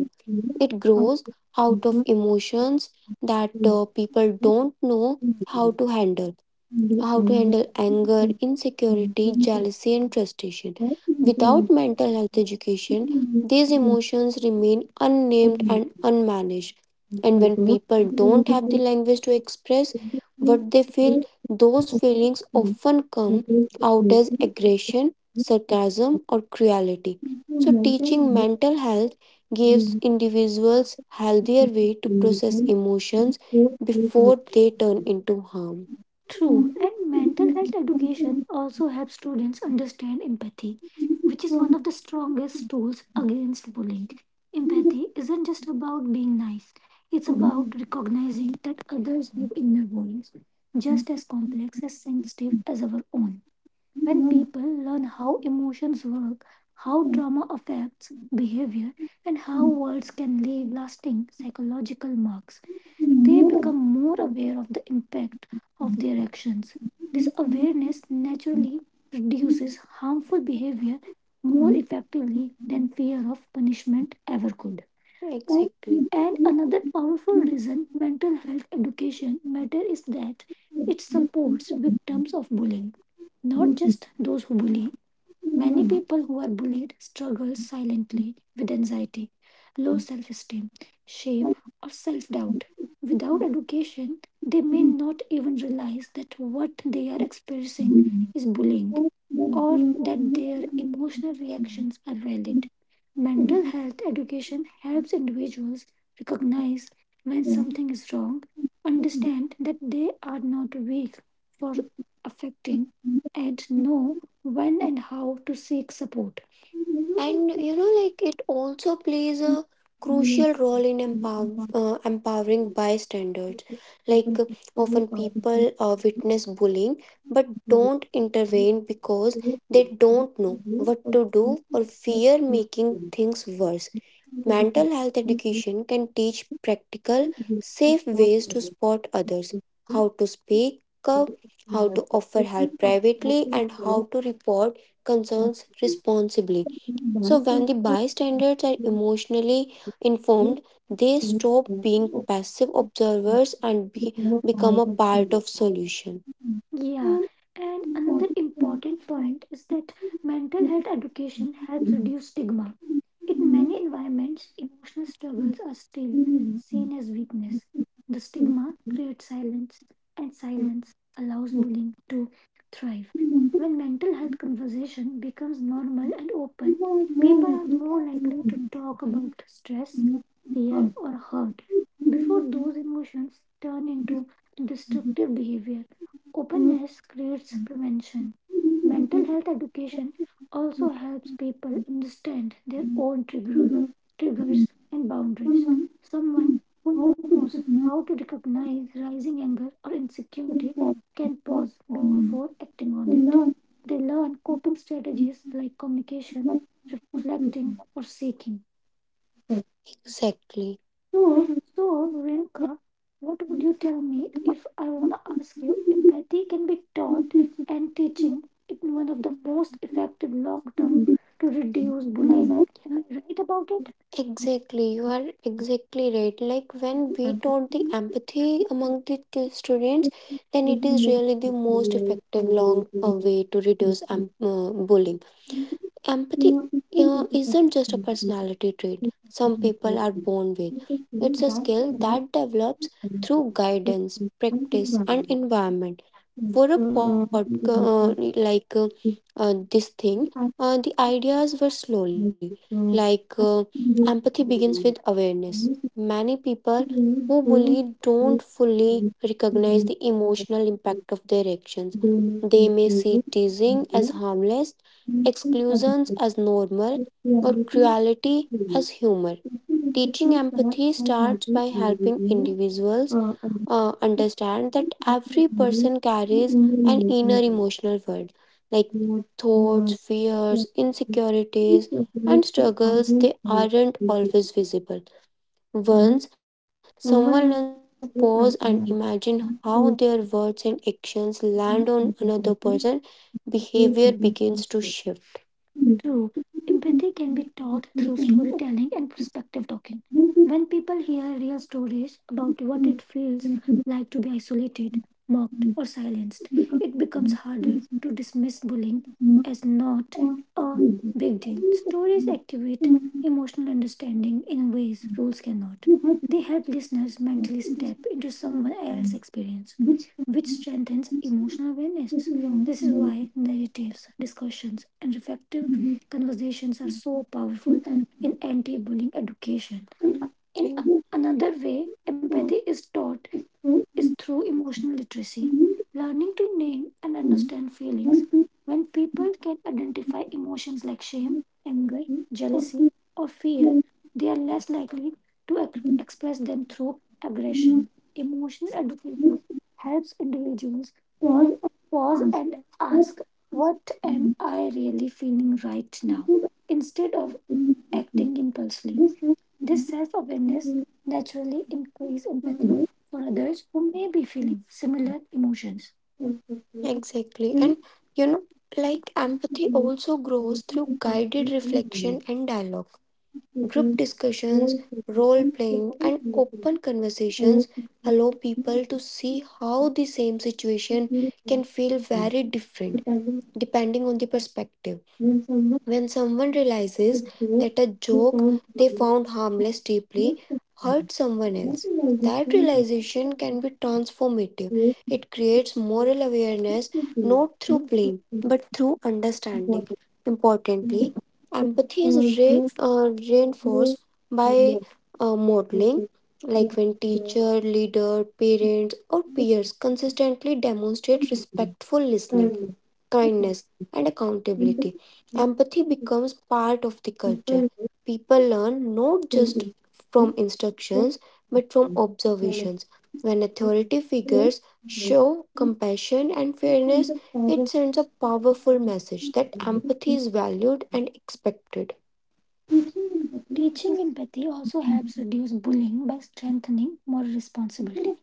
Speaker 2: know
Speaker 1: It
Speaker 2: how to
Speaker 1: grows out
Speaker 2: answer
Speaker 1: of
Speaker 2: to
Speaker 1: emotions that people
Speaker 2: this
Speaker 1: don't know how
Speaker 2: behavior.
Speaker 1: to handle
Speaker 2: And the
Speaker 1: how to handle
Speaker 2: thank
Speaker 1: anger, insecurity, jealousy, and frustration. Without mental health education, these emotions remain unnamed and unmanaged. And when people don't have the language to express what they feel, those feelings often come out as aggression, sarcasm, or cruelty. So, teaching mental health gives individuals healthier way to process emotions before they turn into harm. True, and mental health education also helps students understand empathy, which is one of the strongest tools against bullying. Empathy isn't just about being nice, it's about recognizing that others have inner worlds just as complex as sensitive as our own. When people learn how emotions work, how trauma affects behavior, and how words can leave lasting psychological marks, they become more aware of the impact of their actions. This awareness naturally reduces harmful behavior more effectively than fear of punishment ever could. Exactly. And another powerful reason mental health education matters is that it supports victims of bullying, not just those who bully. Many people who are bullied struggle silently with anxiety, low self esteem, shame, or self doubt. Without education, they may not even realize that what they are experiencing is bullying or that their emotional reactions are valid. Mental health education helps individuals recognize when something is wrong, understand that they are not weak for affecting, and know when and how to seek support. And you know like it also plays a crucial role in
Speaker 2: you.
Speaker 1: empowering bystanders. like
Speaker 2: Open
Speaker 1: uh,
Speaker 2: people
Speaker 1: Often
Speaker 2: are the people
Speaker 1: people witness bullying but
Speaker 2: that
Speaker 1: don't
Speaker 2: you
Speaker 1: intervene because
Speaker 2: feel
Speaker 1: they
Speaker 2: free
Speaker 1: don't
Speaker 2: to
Speaker 1: know
Speaker 2: do
Speaker 1: what
Speaker 2: or
Speaker 1: to do or
Speaker 2: do
Speaker 1: fear
Speaker 2: to
Speaker 1: making
Speaker 2: do.
Speaker 1: things worse.
Speaker 2: The decision
Speaker 1: Mental health
Speaker 2: is
Speaker 1: education can teach practical
Speaker 2: used to
Speaker 1: safe
Speaker 2: start
Speaker 1: ways
Speaker 2: the
Speaker 1: to spot others,
Speaker 2: decision
Speaker 1: how to speak
Speaker 2: to
Speaker 1: up, how to
Speaker 2: optimize the
Speaker 1: offer
Speaker 2: system
Speaker 1: help
Speaker 2: and
Speaker 1: privately,
Speaker 2: helping
Speaker 1: and how
Speaker 2: select
Speaker 1: to report concerns
Speaker 2: contribution.
Speaker 1: responsibly.
Speaker 2: By
Speaker 1: So,
Speaker 2: standard,
Speaker 1: when the bystanders
Speaker 2: you
Speaker 1: are emotionally
Speaker 2: do
Speaker 1: informed, they
Speaker 2: things
Speaker 1: stop
Speaker 2: that
Speaker 1: being
Speaker 2: you
Speaker 1: passive
Speaker 2: obviously
Speaker 1: observers and be,
Speaker 2: become a part of
Speaker 1: become
Speaker 2: the
Speaker 1: a part of
Speaker 2: solution.
Speaker 1: solution. Yeah,
Speaker 2: And
Speaker 1: and
Speaker 2: what is the
Speaker 1: another
Speaker 2: message
Speaker 1: important point is that
Speaker 2: in
Speaker 1: mental
Speaker 2: the message
Speaker 1: health education helps reduce stigma. In many environments, emotional struggles are still seen as weakness. The
Speaker 2: to you?
Speaker 1: stigma creates silence, and silence allows bullying to thrive.
Speaker 2: You
Speaker 1: When mental health conversation becomes normal and open,
Speaker 2: are more
Speaker 1: people are
Speaker 2: likely
Speaker 1: more likely to talk about stress,
Speaker 2: to
Speaker 1: fear,
Speaker 2: be.
Speaker 1: or hurt before
Speaker 2: Thank
Speaker 1: those emotions turn into destructive behavior. Openness creates prevention. Mental health education also helps people understand their own triggers and boundaries. Someone who knows how to recognize rising anger or insecurity can pause before acting on it. They learn coping strategies like communication, reflecting, or seeking. Exactly. So, Rinka, what would you tell me if I want to ask you? Empathy can be taught and teaching is one of the most effective long term to reduce bullying. Am I right about it? Exactly, you are exactly right. Like when we taught the empathy among the students, then it is really the most effective long way to reduce bullying. Empathy isn't just a personality trait some people are born with, it's a skill that develops through guidance, practice, and environment. For a podcast uh, like uh, this thing,
Speaker 2: you.
Speaker 1: the ideas were slowly
Speaker 2: मतलब
Speaker 1: like uh,
Speaker 2: अच्छी reels
Speaker 1: empathy begins with awareness.
Speaker 2: बनाना चाहिए
Speaker 1: Many people who
Speaker 2: इसीलिए phone
Speaker 1: bully don't
Speaker 2: एक
Speaker 1: fully
Speaker 2: दूसरे से
Speaker 1: recognize the
Speaker 2: मिलकर
Speaker 1: emotional impact of their actions.
Speaker 2: दोनों की
Speaker 1: They may
Speaker 2: चीज़ें
Speaker 1: see teasing as harmless, exclusions
Speaker 2: इसके
Speaker 1: as normal, or cruelty as humor. Teaching
Speaker 2: साथ साथ
Speaker 1: empathy starts
Speaker 2: हमारी
Speaker 1: by helping
Speaker 2: इंजीनियरिंग
Speaker 1: individuals
Speaker 2: और
Speaker 1: understand that
Speaker 2: अधिकतर
Speaker 1: every
Speaker 2: कृषि कार्य
Speaker 1: person carries
Speaker 2: को उम्र
Speaker 1: an inner
Speaker 2: निर्भर है
Speaker 1: emotional world, like
Speaker 2: और
Speaker 1: thoughts,
Speaker 2: यह
Speaker 1: fears, insecurities,
Speaker 2: इन
Speaker 1: and
Speaker 2: तकनीक के
Speaker 1: struggles, they
Speaker 2: आगे
Speaker 1: aren't always visible. Once
Speaker 2: संवर्धन एक
Speaker 1: someone learns to pause and
Speaker 2: अंतर्राष्ट्रीय
Speaker 1: imagine how their words and actions
Speaker 2: Toy
Speaker 1: land on another person, behavior begins to shift. True, empathy can be taught through storytelling and perspective talking. When people hear real stories about what it feels like to be isolated, mocked, or silenced, it becomes harder to dismiss bullying as not a big deal. Stories activate emotional understanding in ways rules cannot. They help listeners mentally step into someone else's experience, which strengthens emotional awareness. This is why narratives, discussions, and reflective conversations are so powerful in anti bullying education. In another way, empathy is taught is through emotional literacy, learning to name and understand feelings. When people can identify emotions like shame, anger, jealousy, or fear, they are less likely to express them through aggression. Emotional education helps individuals
Speaker 2: of
Speaker 1: pause
Speaker 2: us,
Speaker 1: and ask, "What am I really feeling right now?" instead of
Speaker 2: thank you.
Speaker 1: acting impulsively.
Speaker 2: This is the
Speaker 1: This self awareness
Speaker 2: musical
Speaker 1: naturally increases
Speaker 2: service
Speaker 1: empathy
Speaker 2: for
Speaker 1: for others who may be feeling similar emotions.
Speaker 2: the free
Speaker 1: Exactly.
Speaker 2: option
Speaker 1: And you know, like
Speaker 2: and to
Speaker 1: empathy
Speaker 2: be
Speaker 1: also grows through
Speaker 2: dedicated
Speaker 1: guided
Speaker 2: to English,
Speaker 1: reflection and dialogue. Group
Speaker 2: because
Speaker 1: discussions,
Speaker 2: all city
Speaker 1: role
Speaker 2: and
Speaker 1: playing,
Speaker 2: special
Speaker 1: and
Speaker 2: music
Speaker 1: open
Speaker 2: allows
Speaker 1: conversations
Speaker 2: you
Speaker 1: allow people to see how the same
Speaker 2: to
Speaker 1: situation
Speaker 2: feel
Speaker 1: can feel
Speaker 2: connected.
Speaker 1: very different
Speaker 2: Depending
Speaker 1: depending on the perspective.
Speaker 2: when someone
Speaker 1: When someone
Speaker 2: is
Speaker 1: realizes
Speaker 2: there,
Speaker 1: that a
Speaker 2: they
Speaker 1: joke
Speaker 2: found
Speaker 1: they
Speaker 2: money,
Speaker 1: found harmless deeply
Speaker 2: makes a
Speaker 1: hurt someone else, that
Speaker 2: motivation that
Speaker 1: realization can be transformative. It creates
Speaker 2: creates
Speaker 1: moral awareness
Speaker 2: a
Speaker 1: not through
Speaker 2: city.
Speaker 1: blame
Speaker 2: This
Speaker 1: but through
Speaker 2: is
Speaker 1: understanding.
Speaker 2: important.
Speaker 1: Importantly,
Speaker 2: This
Speaker 1: empathy is
Speaker 2: is for the
Speaker 1: reinforced
Speaker 2: way
Speaker 1: by
Speaker 2: love,
Speaker 1: modeling. Like
Speaker 2: because
Speaker 1: when
Speaker 2: we are
Speaker 1: teacher, leader,
Speaker 2: the
Speaker 1: parents, or peers consistently demonstrate respectful
Speaker 2: community,
Speaker 1: listening,
Speaker 2: kindness,
Speaker 1: kindness, and
Speaker 2: and
Speaker 1: accountability. Empathy
Speaker 2: empathy.
Speaker 1: becomes part of the culture. People
Speaker 2: People with
Speaker 1: learn not just
Speaker 2: skin
Speaker 1: from
Speaker 2: issues for free.
Speaker 1: instructions but from observations. When
Speaker 2: Manipulation
Speaker 1: authority figures show
Speaker 2: and
Speaker 1: compassion and fairness, it sends
Speaker 2: changes
Speaker 1: a
Speaker 2: power
Speaker 1: powerful message that empathy is
Speaker 2: creating
Speaker 1: valued
Speaker 2: and
Speaker 1: and expected.
Speaker 2: teaching
Speaker 1: Teaching empathy
Speaker 2: empathy as
Speaker 1: also
Speaker 2: a
Speaker 1: helps reduce bullying by strengthening moral responsibility.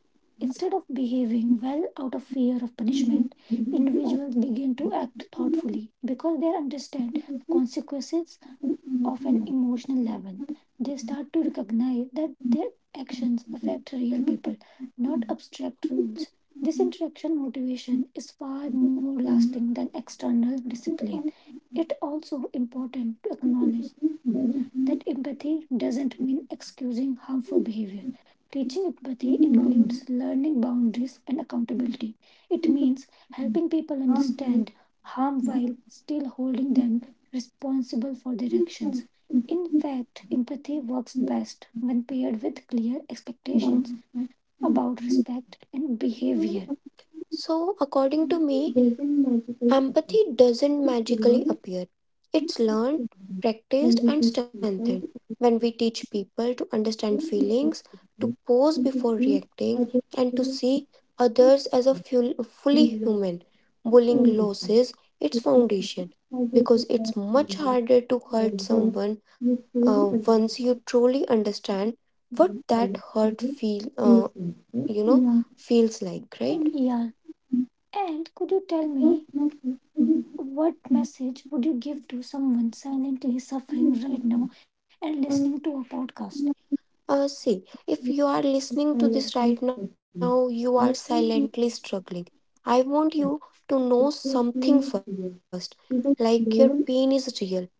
Speaker 1: Instead
Speaker 2: habit of
Speaker 1: of behaving well out of fear of punishment,
Speaker 2: living.
Speaker 1: individuals begin
Speaker 2: Living
Speaker 1: to
Speaker 2: to
Speaker 1: act thoughtfully because they understand
Speaker 2: appreciate
Speaker 1: consequences of an
Speaker 2: good
Speaker 1: emotional
Speaker 2: emotional life.
Speaker 1: level. They start to recognize that their actions affect real people, not abstract rules. This interaction motivation is far more lasting than
Speaker 2: Connected
Speaker 1: external discipline.
Speaker 2: on
Speaker 1: It also important to acknowledge that
Speaker 2: this
Speaker 1: empathy
Speaker 2: level,
Speaker 1: doesn't mean excusing harmful behavior. Teaching empathy includes learning
Speaker 2: many
Speaker 1: boundaries
Speaker 2: non-Muslim
Speaker 1: and accountability. It means helping people
Speaker 2: people
Speaker 1: understand harm
Speaker 2: are
Speaker 1: while
Speaker 2: directly
Speaker 1: still holding them responsible for their actions. In fact,
Speaker 2: confused
Speaker 1: empathy works best when paired with clear expectations
Speaker 2: about
Speaker 1: about respect and
Speaker 2: the nature
Speaker 1: behavior. So,
Speaker 2: of
Speaker 1: according to me, empathy
Speaker 2: beauty doesn't
Speaker 1: doesn't magically
Speaker 2: magically appear.
Speaker 1: appear. It's
Speaker 2: It learns
Speaker 1: learned, practiced, and strengthened
Speaker 2: when we teach
Speaker 1: when we
Speaker 2: people to
Speaker 1: teach
Speaker 2: appreciate
Speaker 1: people to understand
Speaker 2: the
Speaker 1: feelings,
Speaker 2: good
Speaker 1: to pause
Speaker 2: things
Speaker 1: before
Speaker 2: and to treat
Speaker 1: reacting,
Speaker 2: others
Speaker 1: and to
Speaker 2: with
Speaker 1: see others as a
Speaker 2: the
Speaker 1: fully
Speaker 2: love
Speaker 1: human.
Speaker 2: and
Speaker 1: Bullying
Speaker 2: condition.
Speaker 1: loses its
Speaker 2: किसी भी
Speaker 1: foundation because
Speaker 2: साझेदारी
Speaker 1: it's
Speaker 2: के
Speaker 1: much
Speaker 2: लिए
Speaker 1: harder to
Speaker 2: आप
Speaker 1: hurt
Speaker 2: बहुत
Speaker 1: someone
Speaker 2: बेहतरीन अध्यक्ष
Speaker 1: once you truly understand
Speaker 2: हैं
Speaker 1: what
Speaker 2: और
Speaker 1: that hurt feel
Speaker 2: इसलिए
Speaker 1: you know,
Speaker 2: इसके लिए आपका
Speaker 1: feels like, right?
Speaker 2: इस
Speaker 1: Yeah. And could you tell
Speaker 2: बहुत
Speaker 1: me
Speaker 2: महत्वपूर्ण
Speaker 1: what message would you give to someone silently
Speaker 2: बिंदु
Speaker 1: suffering
Speaker 2: पर
Speaker 1: right
Speaker 2: काम
Speaker 1: now and listening
Speaker 2: करेंगे
Speaker 1: to a podcast? See, if you are
Speaker 2: इसके साथ
Speaker 1: listening to this
Speaker 2: latest
Speaker 1: right
Speaker 2: चीज़
Speaker 1: now, you
Speaker 2: high
Speaker 1: are
Speaker 2: format
Speaker 1: silently struggling. I want you to know
Speaker 2: fixable नहीं
Speaker 1: something
Speaker 2: सीखेंगे
Speaker 1: first.
Speaker 2: लेकिन बहुत
Speaker 1: Like your pain is real,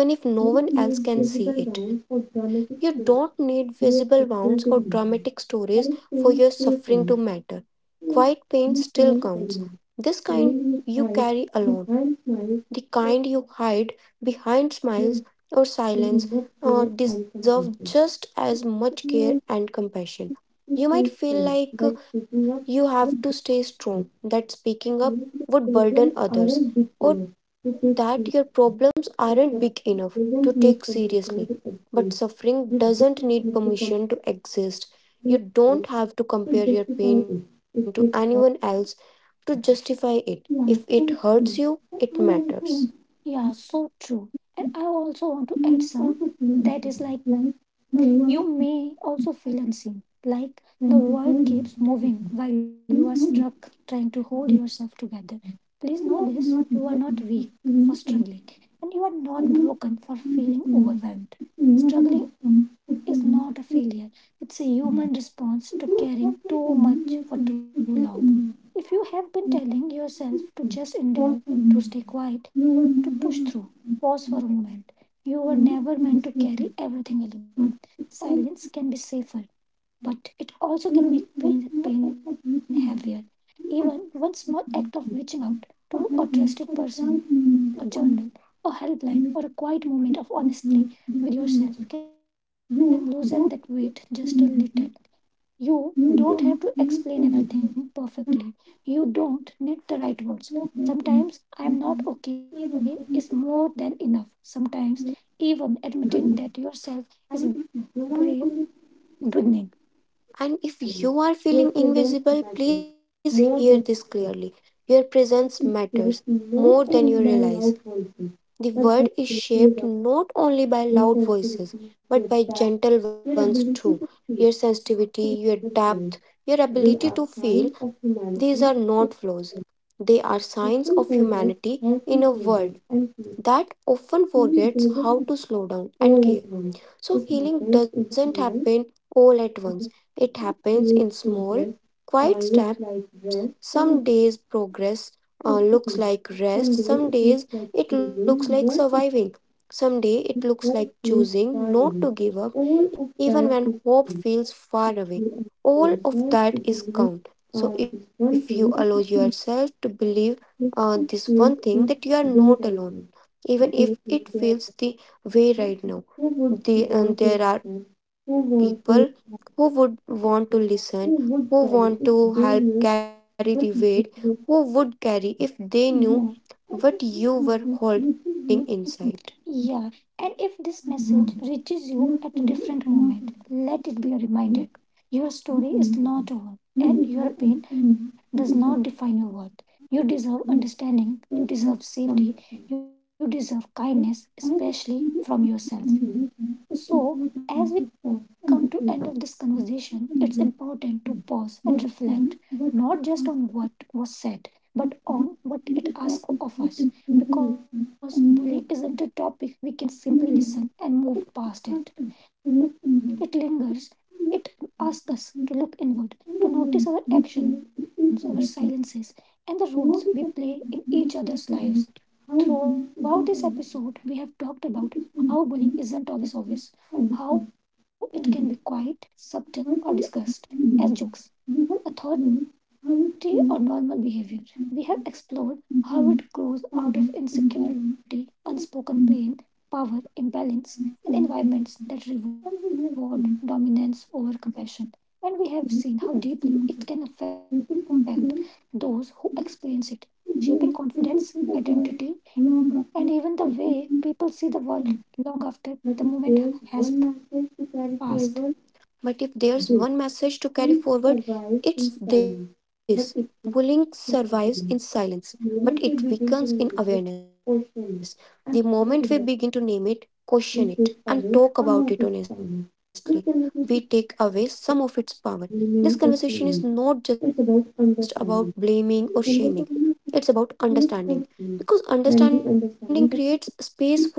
Speaker 1: even if no
Speaker 2: internet
Speaker 1: one else can
Speaker 2: ज़बरदस्त
Speaker 1: see
Speaker 2: rise
Speaker 1: it.
Speaker 2: कर रहा है कि
Speaker 1: You don't need
Speaker 2: स्टोर ये
Speaker 1: visible
Speaker 2: सिक्सटीन
Speaker 1: wounds
Speaker 2: तक
Speaker 1: or
Speaker 2: नहीं है
Speaker 1: dramatic
Speaker 2: यार
Speaker 1: stories
Speaker 2: टेंस
Speaker 1: for your
Speaker 2: फिर
Speaker 1: suffering to matter. Quiet pain still counts. This kind you carry alone, the kind you hide behind
Speaker 2: से �
Speaker 1: smiles or
Speaker 2: This is not
Speaker 1: silence
Speaker 2: fair and compassion.
Speaker 1: deserve just as much
Speaker 2: Civilized
Speaker 1: care and compassion.
Speaker 2: issues
Speaker 1: You might
Speaker 2: change,
Speaker 1: feel
Speaker 2: but
Speaker 1: like
Speaker 2: speaking up
Speaker 1: you
Speaker 2: with
Speaker 1: have to stay
Speaker 2: dignity.
Speaker 1: strong, that speaking up would
Speaker 2: Politically,
Speaker 1: burden
Speaker 2: aren't
Speaker 1: others,
Speaker 2: dictated
Speaker 1: or
Speaker 2: to take
Speaker 1: that your
Speaker 2: seats.
Speaker 1: problems aren't big
Speaker 2: Exception
Speaker 1: enough to
Speaker 2: doesn't
Speaker 1: take
Speaker 2: need permission
Speaker 1: seriously.
Speaker 2: to
Speaker 1: But
Speaker 2: exist.
Speaker 1: suffering
Speaker 2: You don't
Speaker 1: doesn't need
Speaker 2: need to compare
Speaker 1: permission to exist. You don't
Speaker 2: it
Speaker 1: have to compare your pain to
Speaker 2: to
Speaker 1: anyone
Speaker 2: justify
Speaker 1: else
Speaker 2: it.
Speaker 1: to
Speaker 2: If it
Speaker 1: justify it.
Speaker 2: hurts,
Speaker 1: If it hurts you, it matters. Yeah,
Speaker 2: laugh or
Speaker 1: so
Speaker 2: scream.
Speaker 1: true. And
Speaker 2: But I
Speaker 1: I
Speaker 2: also
Speaker 1: also want to add some that is like you
Speaker 2: you
Speaker 1: may
Speaker 2: also
Speaker 1: also feel
Speaker 2: feel this
Speaker 1: unseen.
Speaker 2: way. Like
Speaker 1: Like
Speaker 2: the
Speaker 1: the
Speaker 2: world
Speaker 1: world
Speaker 2: is
Speaker 1: keeps moving while you are struck
Speaker 2: trying
Speaker 1: trying
Speaker 2: to
Speaker 1: to
Speaker 2: hold
Speaker 1: hold
Speaker 2: yourself
Speaker 1: yourself
Speaker 2: together.
Speaker 1: together.
Speaker 2: There
Speaker 1: Please
Speaker 2: is
Speaker 1: know
Speaker 2: no
Speaker 1: this, you are not
Speaker 2: difference.
Speaker 1: weak for struggling, and you
Speaker 2: Everyone
Speaker 1: are
Speaker 2: is not
Speaker 1: not
Speaker 2: here
Speaker 1: broken
Speaker 2: on
Speaker 1: for
Speaker 2: suffering
Speaker 1: feeling
Speaker 2: or
Speaker 1: overwhelmed.
Speaker 2: struggling.
Speaker 1: Struggling is not a failure, it's a human response to caring too much for too long. If you have been telling yourself to just endure, to stay quiet, to push through, pause for a moment. You were never meant to carry everything alone. Silence can be safer, but it also can make pain heavier. Even one small act of reaching out to a trusted person, a journal, a helpline, or a quiet moment of honesty with yourself can loosen that weight just a little. You don't have to explain everything perfectly. You don't need the right words. Sometimes I'm not okay is more than enough. Sometimes even admitting that yourself is brave
Speaker 2: Good.
Speaker 1: beginning.
Speaker 2: And
Speaker 1: And if you are
Speaker 2: vulnerability
Speaker 1: feeling invisible, please hear this clearly. Your
Speaker 2: represents
Speaker 1: presence
Speaker 2: matters
Speaker 1: matters
Speaker 2: more
Speaker 1: more
Speaker 2: than
Speaker 1: than you
Speaker 2: fear.
Speaker 1: realize. The
Speaker 2: It
Speaker 1: world
Speaker 2: is
Speaker 1: is
Speaker 2: shaped
Speaker 1: shaped
Speaker 2: not
Speaker 1: not
Speaker 2: only
Speaker 1: only
Speaker 2: by
Speaker 1: by
Speaker 2: loud
Speaker 1: loud
Speaker 2: voices,
Speaker 1: voices,
Speaker 2: but
Speaker 1: but
Speaker 2: by
Speaker 1: by
Speaker 2: social
Speaker 1: gentle
Speaker 2: reactions,
Speaker 1: ones too. Your sensitivity,
Speaker 2: sensitivity,
Speaker 1: your
Speaker 2: with that
Speaker 1: depth, your
Speaker 2: their ability
Speaker 1: ability
Speaker 2: to
Speaker 1: to
Speaker 2: feel
Speaker 1: feel, these are
Speaker 2: and
Speaker 1: not
Speaker 2: express.
Speaker 1: flaws. They
Speaker 2: They are
Speaker 1: are
Speaker 2: signs
Speaker 1: signs
Speaker 2: of
Speaker 1: of
Speaker 2: humanity.
Speaker 1: humanity
Speaker 2: If
Speaker 1: in a world that
Speaker 2: people
Speaker 1: often
Speaker 2: forget
Speaker 1: forgets
Speaker 2: how
Speaker 1: how to
Speaker 2: to feel
Speaker 1: slow
Speaker 2: them
Speaker 1: down
Speaker 2: and
Speaker 1: and
Speaker 2: feel.
Speaker 1: care. So, healing
Speaker 2: Healing doesn't
Speaker 1: doesn't
Speaker 2: happen
Speaker 1: happen all
Speaker 2: all
Speaker 1: at
Speaker 2: at once.
Speaker 1: once,
Speaker 2: It
Speaker 1: it
Speaker 2: happens
Speaker 1: happens
Speaker 2: in
Speaker 1: in small,
Speaker 2: small,
Speaker 1: quiet steps.
Speaker 2: distinct
Speaker 1: Some
Speaker 2: ways.
Speaker 1: days
Speaker 2: Progress
Speaker 1: progress
Speaker 2: looks
Speaker 1: looks
Speaker 2: like
Speaker 1: like
Speaker 2: rest,
Speaker 1: rest, some
Speaker 2: some.
Speaker 1: days it looks like surviving,
Speaker 2: Exactly.
Speaker 1: some day
Speaker 2: Someday it
Speaker 1: it
Speaker 2: looks
Speaker 1: looks
Speaker 2: like
Speaker 1: like
Speaker 2: choosing
Speaker 1: choosing not
Speaker 2: not
Speaker 1: to
Speaker 2: to
Speaker 1: give up even when
Speaker 2: keep what
Speaker 1: hope
Speaker 2: feels
Speaker 1: feels far away.
Speaker 2: foreign.
Speaker 1: All
Speaker 2: All of
Speaker 1: of that
Speaker 2: that is
Speaker 1: is
Speaker 2: free.
Speaker 1: count. So, if you
Speaker 2: You
Speaker 1: allow
Speaker 2: ask
Speaker 1: yourself
Speaker 2: yourself
Speaker 1: to
Speaker 2: to
Speaker 1: believe
Speaker 2: believe this
Speaker 1: this one
Speaker 2: one
Speaker 1: thing,
Speaker 2: thing that
Speaker 1: that
Speaker 2: you
Speaker 1: you are
Speaker 2: think
Speaker 1: not alone, even
Speaker 2: it
Speaker 1: if it
Speaker 2: feels
Speaker 1: feels the
Speaker 2: the
Speaker 1: way
Speaker 2: way right
Speaker 1: right
Speaker 2: now.
Speaker 1: now
Speaker 2: They in
Speaker 1: the and
Speaker 2: their
Speaker 1: there are
Speaker 2: lives,
Speaker 1: people
Speaker 2: who
Speaker 1: who
Speaker 2: would
Speaker 1: would
Speaker 2: want
Speaker 1: want
Speaker 2: to
Speaker 1: to
Speaker 2: listen?
Speaker 1: listen,
Speaker 2: Who
Speaker 1: who
Speaker 2: want
Speaker 1: want to
Speaker 2: to
Speaker 1: help carry the weight, who
Speaker 2: who
Speaker 1: would
Speaker 2: would
Speaker 1: carry
Speaker 2: carry if
Speaker 1: if
Speaker 2: they
Speaker 1: they knew
Speaker 2: knew what
Speaker 1: what
Speaker 2: you
Speaker 1: you
Speaker 2: were,
Speaker 1: were holding inside.
Speaker 2: yeah.
Speaker 1: Yeah,
Speaker 2: And
Speaker 1: and
Speaker 2: if
Speaker 1: if
Speaker 2: this
Speaker 1: this
Speaker 2: happens,
Speaker 1: message
Speaker 2: which is
Speaker 1: reaches
Speaker 2: what
Speaker 1: you
Speaker 2: the
Speaker 1: at a
Speaker 2: people
Speaker 1: different moment, let it be a reminder.
Speaker 2: demanded.
Speaker 1: Your
Speaker 2: Your
Speaker 1: story
Speaker 2: story is
Speaker 1: is
Speaker 2: not.
Speaker 1: not over, and your
Speaker 2: You
Speaker 1: pain does not define your worth. You deserve
Speaker 2: deserve understanding.
Speaker 1: understanding,
Speaker 2: You
Speaker 1: you
Speaker 2: deserve
Speaker 1: deserve safety, you deserve
Speaker 2: more
Speaker 1: kindness,
Speaker 2: than
Speaker 1: especially from
Speaker 2: some people.
Speaker 1: yourself.
Speaker 2: I just
Speaker 1: So, as we come
Speaker 2: need to
Speaker 1: to end of this
Speaker 2: understand
Speaker 1: conversation,
Speaker 2: that
Speaker 1: it's
Speaker 2: it's
Speaker 1: important
Speaker 2: important
Speaker 1: to
Speaker 2: to fall
Speaker 1: pause
Speaker 2: and
Speaker 1: and
Speaker 2: recover
Speaker 1: reflect not just on
Speaker 2: from what's
Speaker 1: what was
Speaker 2: been.
Speaker 1: said,
Speaker 2: But
Speaker 1: but
Speaker 2: on
Speaker 1: on what
Speaker 2: what's
Speaker 1: it asks
Speaker 2: past,
Speaker 1: of us.
Speaker 2: you
Speaker 1: Because bullying
Speaker 2: need
Speaker 1: isn't a
Speaker 2: to stop.
Speaker 1: topic
Speaker 2: Recently,
Speaker 1: we
Speaker 2: I've
Speaker 1: can
Speaker 2: been feeling a
Speaker 1: simply
Speaker 2: little anxious.
Speaker 1: listen and move past it. It
Speaker 2: I'm not sure what's going
Speaker 1: lingers,
Speaker 2: on.
Speaker 1: it
Speaker 2: I'm
Speaker 1: asks us to look inward, to notice our actions, our silences, and the roles we play in each other's lives. Throughout this episode, we
Speaker 2: just
Speaker 1: have
Speaker 2: not
Speaker 1: talked
Speaker 2: feeling myself.
Speaker 1: about
Speaker 2: I'm
Speaker 1: how
Speaker 2: not
Speaker 1: bullying
Speaker 2: sure
Speaker 1: isn't
Speaker 2: how to fix
Speaker 1: always
Speaker 2: it.
Speaker 1: obvious, how it can be quite subtle or disguised as jokes, authority or normal behavior. We have explored how it grows out of insecurity, unspoken pain, power, imbalance, and environments that reward dominance over compassion. And we have seen how deeply it can affect those who experience it, shaping confidence, identity, and even the way people see the world long after the moment has passed.
Speaker 2: But
Speaker 1: But
Speaker 2: if
Speaker 1: if
Speaker 2: there's
Speaker 1: there's one
Speaker 2: one message
Speaker 1: message to
Speaker 2: to
Speaker 1: carry
Speaker 2: carry forward,
Speaker 1: forward, it's
Speaker 2: this
Speaker 1: this:
Speaker 2: will
Speaker 1: bullying
Speaker 2: survive
Speaker 1: survives
Speaker 2: in
Speaker 1: in
Speaker 2: silence.
Speaker 1: silence,
Speaker 2: But
Speaker 1: but
Speaker 2: it
Speaker 1: it
Speaker 2: will
Speaker 1: weakens
Speaker 2: still
Speaker 1: in
Speaker 2: continue.
Speaker 1: awareness. The
Speaker 2: Limit
Speaker 1: moment
Speaker 2: will
Speaker 1: we
Speaker 2: begin
Speaker 1: begin
Speaker 2: to
Speaker 1: to name
Speaker 2: remove, it,
Speaker 1: it, question
Speaker 2: question
Speaker 1: it,
Speaker 2: it, and
Speaker 1: and
Speaker 2: look
Speaker 1: talk
Speaker 2: at it
Speaker 1: about it honestly, we
Speaker 2: will take
Speaker 1: take away
Speaker 2: away
Speaker 1: some
Speaker 2: some of
Speaker 1: of
Speaker 2: its
Speaker 1: its
Speaker 2: power.
Speaker 1: power.
Speaker 2: This
Speaker 1: This
Speaker 2: conversation
Speaker 1: conversation is not just about blaming
Speaker 2: remain a
Speaker 1: or
Speaker 2: series.
Speaker 1: shaming. It's
Speaker 2: It's about
Speaker 1: about
Speaker 2: understanding.
Speaker 1: understanding, because
Speaker 2: Understanding
Speaker 1: understanding
Speaker 2: is
Speaker 1: creates
Speaker 2: place
Speaker 1: space
Speaker 2: for
Speaker 1: for change.
Speaker 2: change.
Speaker 1: When
Speaker 2: When we
Speaker 1: we
Speaker 2: understand
Speaker 1: understand
Speaker 2: the
Speaker 1: that cruelty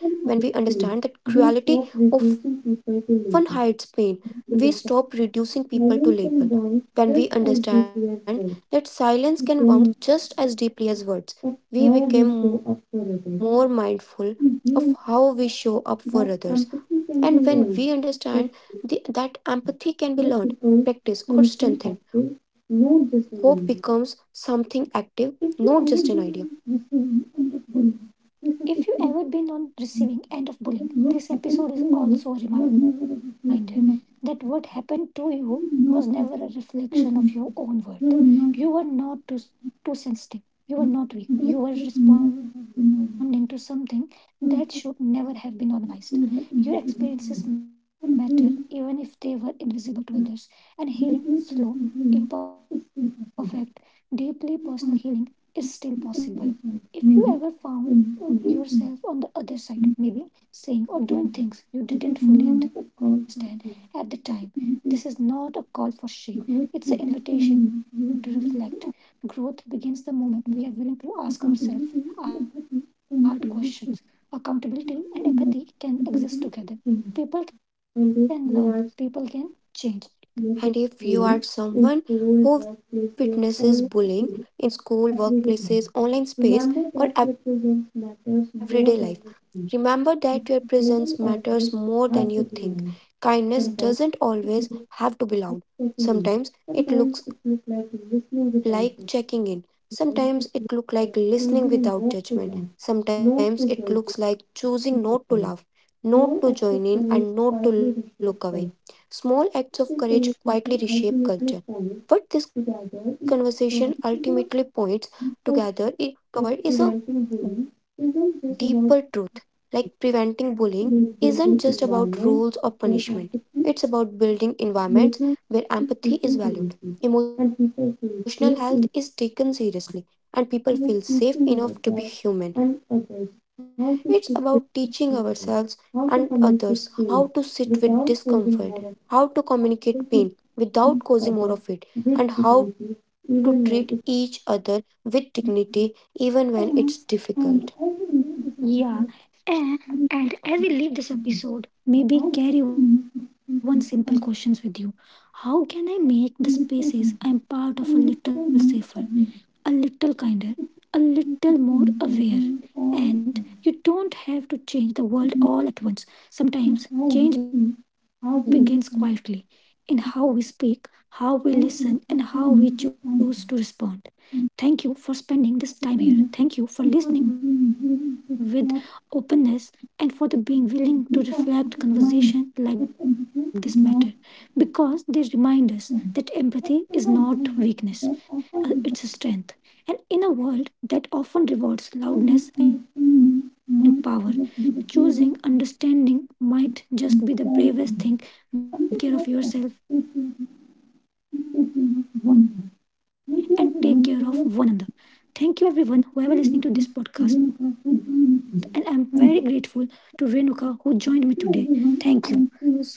Speaker 2: full of its
Speaker 1: hides
Speaker 2: change,
Speaker 1: pain, we
Speaker 2: we stop
Speaker 1: stop reducing
Speaker 2: reducing
Speaker 1: people
Speaker 2: people to
Speaker 1: to
Speaker 2: labor.
Speaker 1: label. When we
Speaker 2: Understand
Speaker 1: understand that silence
Speaker 2: silence
Speaker 1: can
Speaker 2: and bonds
Speaker 1: wound
Speaker 2: just
Speaker 1: just
Speaker 2: as
Speaker 1: as deeply
Speaker 2: deeply as
Speaker 1: as
Speaker 2: well.
Speaker 1: words, we
Speaker 2: We
Speaker 1: become
Speaker 2: can
Speaker 1: more mindful
Speaker 2: of
Speaker 1: of
Speaker 2: how
Speaker 1: how
Speaker 2: we
Speaker 1: we
Speaker 2: show
Speaker 1: show up
Speaker 2: up for
Speaker 1: for
Speaker 2: others.
Speaker 1: others. And
Speaker 2: We
Speaker 1: when we
Speaker 2: learn
Speaker 1: understand
Speaker 2: that
Speaker 1: that empathy
Speaker 2: empathy can
Speaker 1: can be
Speaker 2: be learned,
Speaker 1: learned,
Speaker 2: that
Speaker 1: practiced, or strengthened,
Speaker 2: give
Speaker 1: hope
Speaker 2: people
Speaker 1: becomes
Speaker 2: something
Speaker 1: something
Speaker 2: active,
Speaker 1: active,
Speaker 2: not
Speaker 1: not just
Speaker 2: just a
Speaker 1: an
Speaker 2: number.
Speaker 1: idea.
Speaker 2: If
Speaker 1: If
Speaker 2: you
Speaker 1: you
Speaker 2: ever
Speaker 1: ever been
Speaker 2: been on
Speaker 1: on
Speaker 2: receiving
Speaker 1: receiving end
Speaker 2: end
Speaker 1: of
Speaker 2: of bullying,
Speaker 1: bullying, this episode
Speaker 2: specifically
Speaker 1: is also a reminder
Speaker 2: that
Speaker 1: that
Speaker 2: what
Speaker 1: what
Speaker 2: happened
Speaker 1: happened
Speaker 2: to
Speaker 1: to
Speaker 2: you
Speaker 1: you was
Speaker 2: was
Speaker 1: never
Speaker 2: never
Speaker 1: a
Speaker 2: a
Speaker 1: reflection
Speaker 2: reflection of
Speaker 1: of your own worth. You were
Speaker 2: you are not
Speaker 1: not
Speaker 2: this
Speaker 1: too
Speaker 2: person,
Speaker 1: sensitive. You
Speaker 2: you
Speaker 1: were
Speaker 2: are not
Speaker 1: not weak. You were responding to something
Speaker 2: that
Speaker 1: that
Speaker 2: should
Speaker 1: should
Speaker 2: never
Speaker 1: never
Speaker 2: have
Speaker 1: have been
Speaker 2: been known.
Speaker 1: normalized. Your
Speaker 2: You should
Speaker 1: experiences matter even if
Speaker 2: be
Speaker 1: they
Speaker 2: the
Speaker 1: were
Speaker 2: individual
Speaker 1: invisible to
Speaker 2: player.
Speaker 1: others, and
Speaker 2: And really,
Speaker 1: healing, slow,
Speaker 2: yes,
Speaker 1: imperfect, deeply
Speaker 2: deeply
Speaker 1: personal
Speaker 2: personal
Speaker 1: healing
Speaker 2: healing
Speaker 1: is
Speaker 2: is
Speaker 1: still
Speaker 2: still
Speaker 1: possible.
Speaker 2: possible.
Speaker 1: If you ever
Speaker 2: You can't
Speaker 1: found yourself on the
Speaker 2: be a
Speaker 1: other
Speaker 2: different
Speaker 1: side,
Speaker 2: maybe,
Speaker 1: maybe
Speaker 2: and
Speaker 1: saying
Speaker 2: you
Speaker 1: or
Speaker 2: are
Speaker 1: doing
Speaker 2: doing things.
Speaker 1: things you didn't fully understand at the time,
Speaker 2: This
Speaker 1: this
Speaker 2: is
Speaker 1: is
Speaker 2: not
Speaker 1: not
Speaker 2: a
Speaker 1: a
Speaker 2: call
Speaker 1: call for
Speaker 2: for
Speaker 1: shame. It's an
Speaker 2: shame. And
Speaker 1: invitation to reflect.
Speaker 2: this was
Speaker 1: Growth begins the
Speaker 2: music
Speaker 1: moment we are willing
Speaker 2: used
Speaker 1: to
Speaker 2: in
Speaker 1: ask ourselves hard questions. Accountability and empathy can exist together. People can learn, people can change. And if you are someone who witnesses bullying in school,
Speaker 2: school, workplaces,
Speaker 1: workplaces,
Speaker 2: online,
Speaker 1: online
Speaker 2: too,
Speaker 1: space, or everyday
Speaker 2: everyday.
Speaker 1: life,
Speaker 2: Remember
Speaker 1: remember
Speaker 2: that
Speaker 1: that your
Speaker 2: represents
Speaker 1: presence
Speaker 2: matters.
Speaker 1: matters more than you think. Kindness doesn't always have to be loud.
Speaker 2: Sometimes
Speaker 1: Sometimes it
Speaker 2: it
Speaker 1: looks
Speaker 2: looks
Speaker 1: like
Speaker 2: like
Speaker 1: checking
Speaker 2: a.
Speaker 1: in.
Speaker 2: Sometimes
Speaker 1: Sometimes it looks
Speaker 2: like
Speaker 1: like
Speaker 2: listening
Speaker 1: listening
Speaker 2: without
Speaker 1: without
Speaker 2: it.
Speaker 1: judgment. Sometimes it looks like
Speaker 2: Choosing
Speaker 1: choosing
Speaker 2: not
Speaker 1: not to
Speaker 2: filler, laugh,
Speaker 1: laugh,
Speaker 2: not
Speaker 1: not
Speaker 2: to
Speaker 1: to join
Speaker 2: judge,
Speaker 1: in, and not to look away.
Speaker 2: small
Speaker 1: Small
Speaker 2: acts
Speaker 1: acts
Speaker 2: of
Speaker 1: of
Speaker 2: courage
Speaker 1: courage
Speaker 2: quietly
Speaker 1: quietly
Speaker 2: reshape
Speaker 1: reshape
Speaker 2: life.
Speaker 1: culture. What
Speaker 2: This
Speaker 1: this conversation
Speaker 2: conversation
Speaker 1: ultimately
Speaker 2: ultimately points
Speaker 1: points together
Speaker 2: together is
Speaker 1: i- toward
Speaker 2: preventing
Speaker 1: is a
Speaker 2: the
Speaker 1: deeper
Speaker 2: effort
Speaker 1: truth.
Speaker 2: that
Speaker 1: Like
Speaker 2: preventing
Speaker 1: preventing
Speaker 2: bullying
Speaker 1: bullying
Speaker 2: isn't
Speaker 1: isn't
Speaker 2: just
Speaker 1: just
Speaker 2: about
Speaker 1: about rules or punishment, it's about building
Speaker 2: building
Speaker 1: environments
Speaker 2: environments
Speaker 1: where
Speaker 2: where
Speaker 1: empathy
Speaker 2: empathy,
Speaker 1: is valued,
Speaker 2: listening
Speaker 1: emotional health
Speaker 2: is
Speaker 1: is taken
Speaker 2: taken seriously
Speaker 1: seriously,
Speaker 2: and
Speaker 1: and people
Speaker 2: people
Speaker 1: feel
Speaker 2: feel
Speaker 1: safe
Speaker 2: safe in.
Speaker 1: enough to be human. It's
Speaker 2: Like
Speaker 1: about teaching
Speaker 2: teaching ourselves
Speaker 1: ourselves
Speaker 2: and
Speaker 1: and
Speaker 2: others
Speaker 1: others
Speaker 2: how
Speaker 1: how to
Speaker 2: to speak
Speaker 1: sit
Speaker 2: with
Speaker 1: with
Speaker 2: dignity,
Speaker 1: discomfort, how
Speaker 2: how
Speaker 1: to
Speaker 2: to
Speaker 1: communicate
Speaker 2: communicate faith
Speaker 1: pain without
Speaker 2: without
Speaker 1: causing
Speaker 2: causing
Speaker 1: more
Speaker 2: more of
Speaker 1: of it and how to
Speaker 2: to
Speaker 1: treat
Speaker 2: each
Speaker 1: each
Speaker 2: other
Speaker 1: other
Speaker 2: with
Speaker 1: with
Speaker 2: dignity,
Speaker 1: dignity even
Speaker 2: even
Speaker 1: when
Speaker 2: when it's.
Speaker 1: it's difficult. Yeah. And,
Speaker 2: And and
Speaker 1: and
Speaker 2: as
Speaker 1: as
Speaker 2: we
Speaker 1: we leave
Speaker 2: leave this
Speaker 1: this
Speaker 2: episode,
Speaker 1: episode, maybe
Speaker 2: we
Speaker 1: carry
Speaker 2: will
Speaker 1: one simple question
Speaker 2: see
Speaker 1: with you.
Speaker 2: how
Speaker 1: How can I
Speaker 2: human
Speaker 1: make the
Speaker 2: needs expression
Speaker 1: spaces I'm part of a little safer, a
Speaker 2: and
Speaker 1: little
Speaker 2: little
Speaker 1: kinder,
Speaker 2: kindness, a
Speaker 1: a little
Speaker 2: little
Speaker 1: more
Speaker 2: more
Speaker 1: aware?
Speaker 2: abuse,
Speaker 1: And you don't have to
Speaker 2: little change
Speaker 1: change
Speaker 2: the
Speaker 1: the
Speaker 2: world
Speaker 1: world
Speaker 2: all
Speaker 1: all
Speaker 2: at
Speaker 1: at once.
Speaker 2: once,
Speaker 1: Sometimes change begins quietly in
Speaker 2: and
Speaker 1: how
Speaker 2: how
Speaker 1: we
Speaker 2: we speak,
Speaker 1: speak, how
Speaker 2: how we
Speaker 1: we listen,
Speaker 2: listen,
Speaker 1: and how we choose to respond.
Speaker 2: and
Speaker 1: Thank
Speaker 2: to
Speaker 1: you for
Speaker 2: often
Speaker 1: spending
Speaker 2: mean the
Speaker 1: this time
Speaker 2: time.
Speaker 1: here. Thank you for listening with
Speaker 2: Opinion
Speaker 1: openness
Speaker 2: and
Speaker 1: and
Speaker 2: for
Speaker 1: for the
Speaker 2: the
Speaker 1: being
Speaker 2: human healing
Speaker 1: willing to
Speaker 2: to the death,
Speaker 1: reflect, conversation like this matter
Speaker 2: because
Speaker 1: because they
Speaker 2: this
Speaker 1: remind
Speaker 2: mind
Speaker 1: us
Speaker 2: that
Speaker 1: that empathy
Speaker 2: entertains the
Speaker 1: is
Speaker 2: mouth
Speaker 1: not weakness, its
Speaker 2: them.
Speaker 1: strength. And
Speaker 2: But in
Speaker 1: in
Speaker 2: a
Speaker 1: a
Speaker 2: way
Speaker 1: world
Speaker 2: that
Speaker 1: that
Speaker 2: offer
Speaker 1: often
Speaker 2: the
Speaker 1: rewards loudness and power,
Speaker 2: truly
Speaker 1: choosing
Speaker 2: understanding
Speaker 1: understanding
Speaker 2: might
Speaker 1: might
Speaker 2: just
Speaker 1: just
Speaker 2: be
Speaker 1: be
Speaker 2: the
Speaker 1: the
Speaker 2: favor
Speaker 1: bravest thing we can do and we
Speaker 2: itself.
Speaker 1: all can do.
Speaker 2: Something
Speaker 1: Until
Speaker 2: that
Speaker 1: next
Speaker 2: says
Speaker 1: time, take care of yourself and
Speaker 2: that
Speaker 1: take
Speaker 2: you
Speaker 1: care of
Speaker 2: must
Speaker 1: one
Speaker 2: wonder.
Speaker 1: another. Thank
Speaker 2: Maybe
Speaker 1: you,
Speaker 2: everyone
Speaker 1: everyone, whoever
Speaker 2: wherever
Speaker 1: listening to this podcast, and I'm
Speaker 2: he
Speaker 1: very
Speaker 2: is to
Speaker 1: grateful to
Speaker 2: win across
Speaker 1: Renuka
Speaker 2: the
Speaker 1: who joined me
Speaker 2: human.
Speaker 1: today.
Speaker 2: Thank
Speaker 1: Thank
Speaker 2: you
Speaker 1: you. So, take care, everyone,
Speaker 2: everyone,
Speaker 1: and
Speaker 2: and see
Speaker 1: see you
Speaker 2: you soon.
Speaker 1: soon.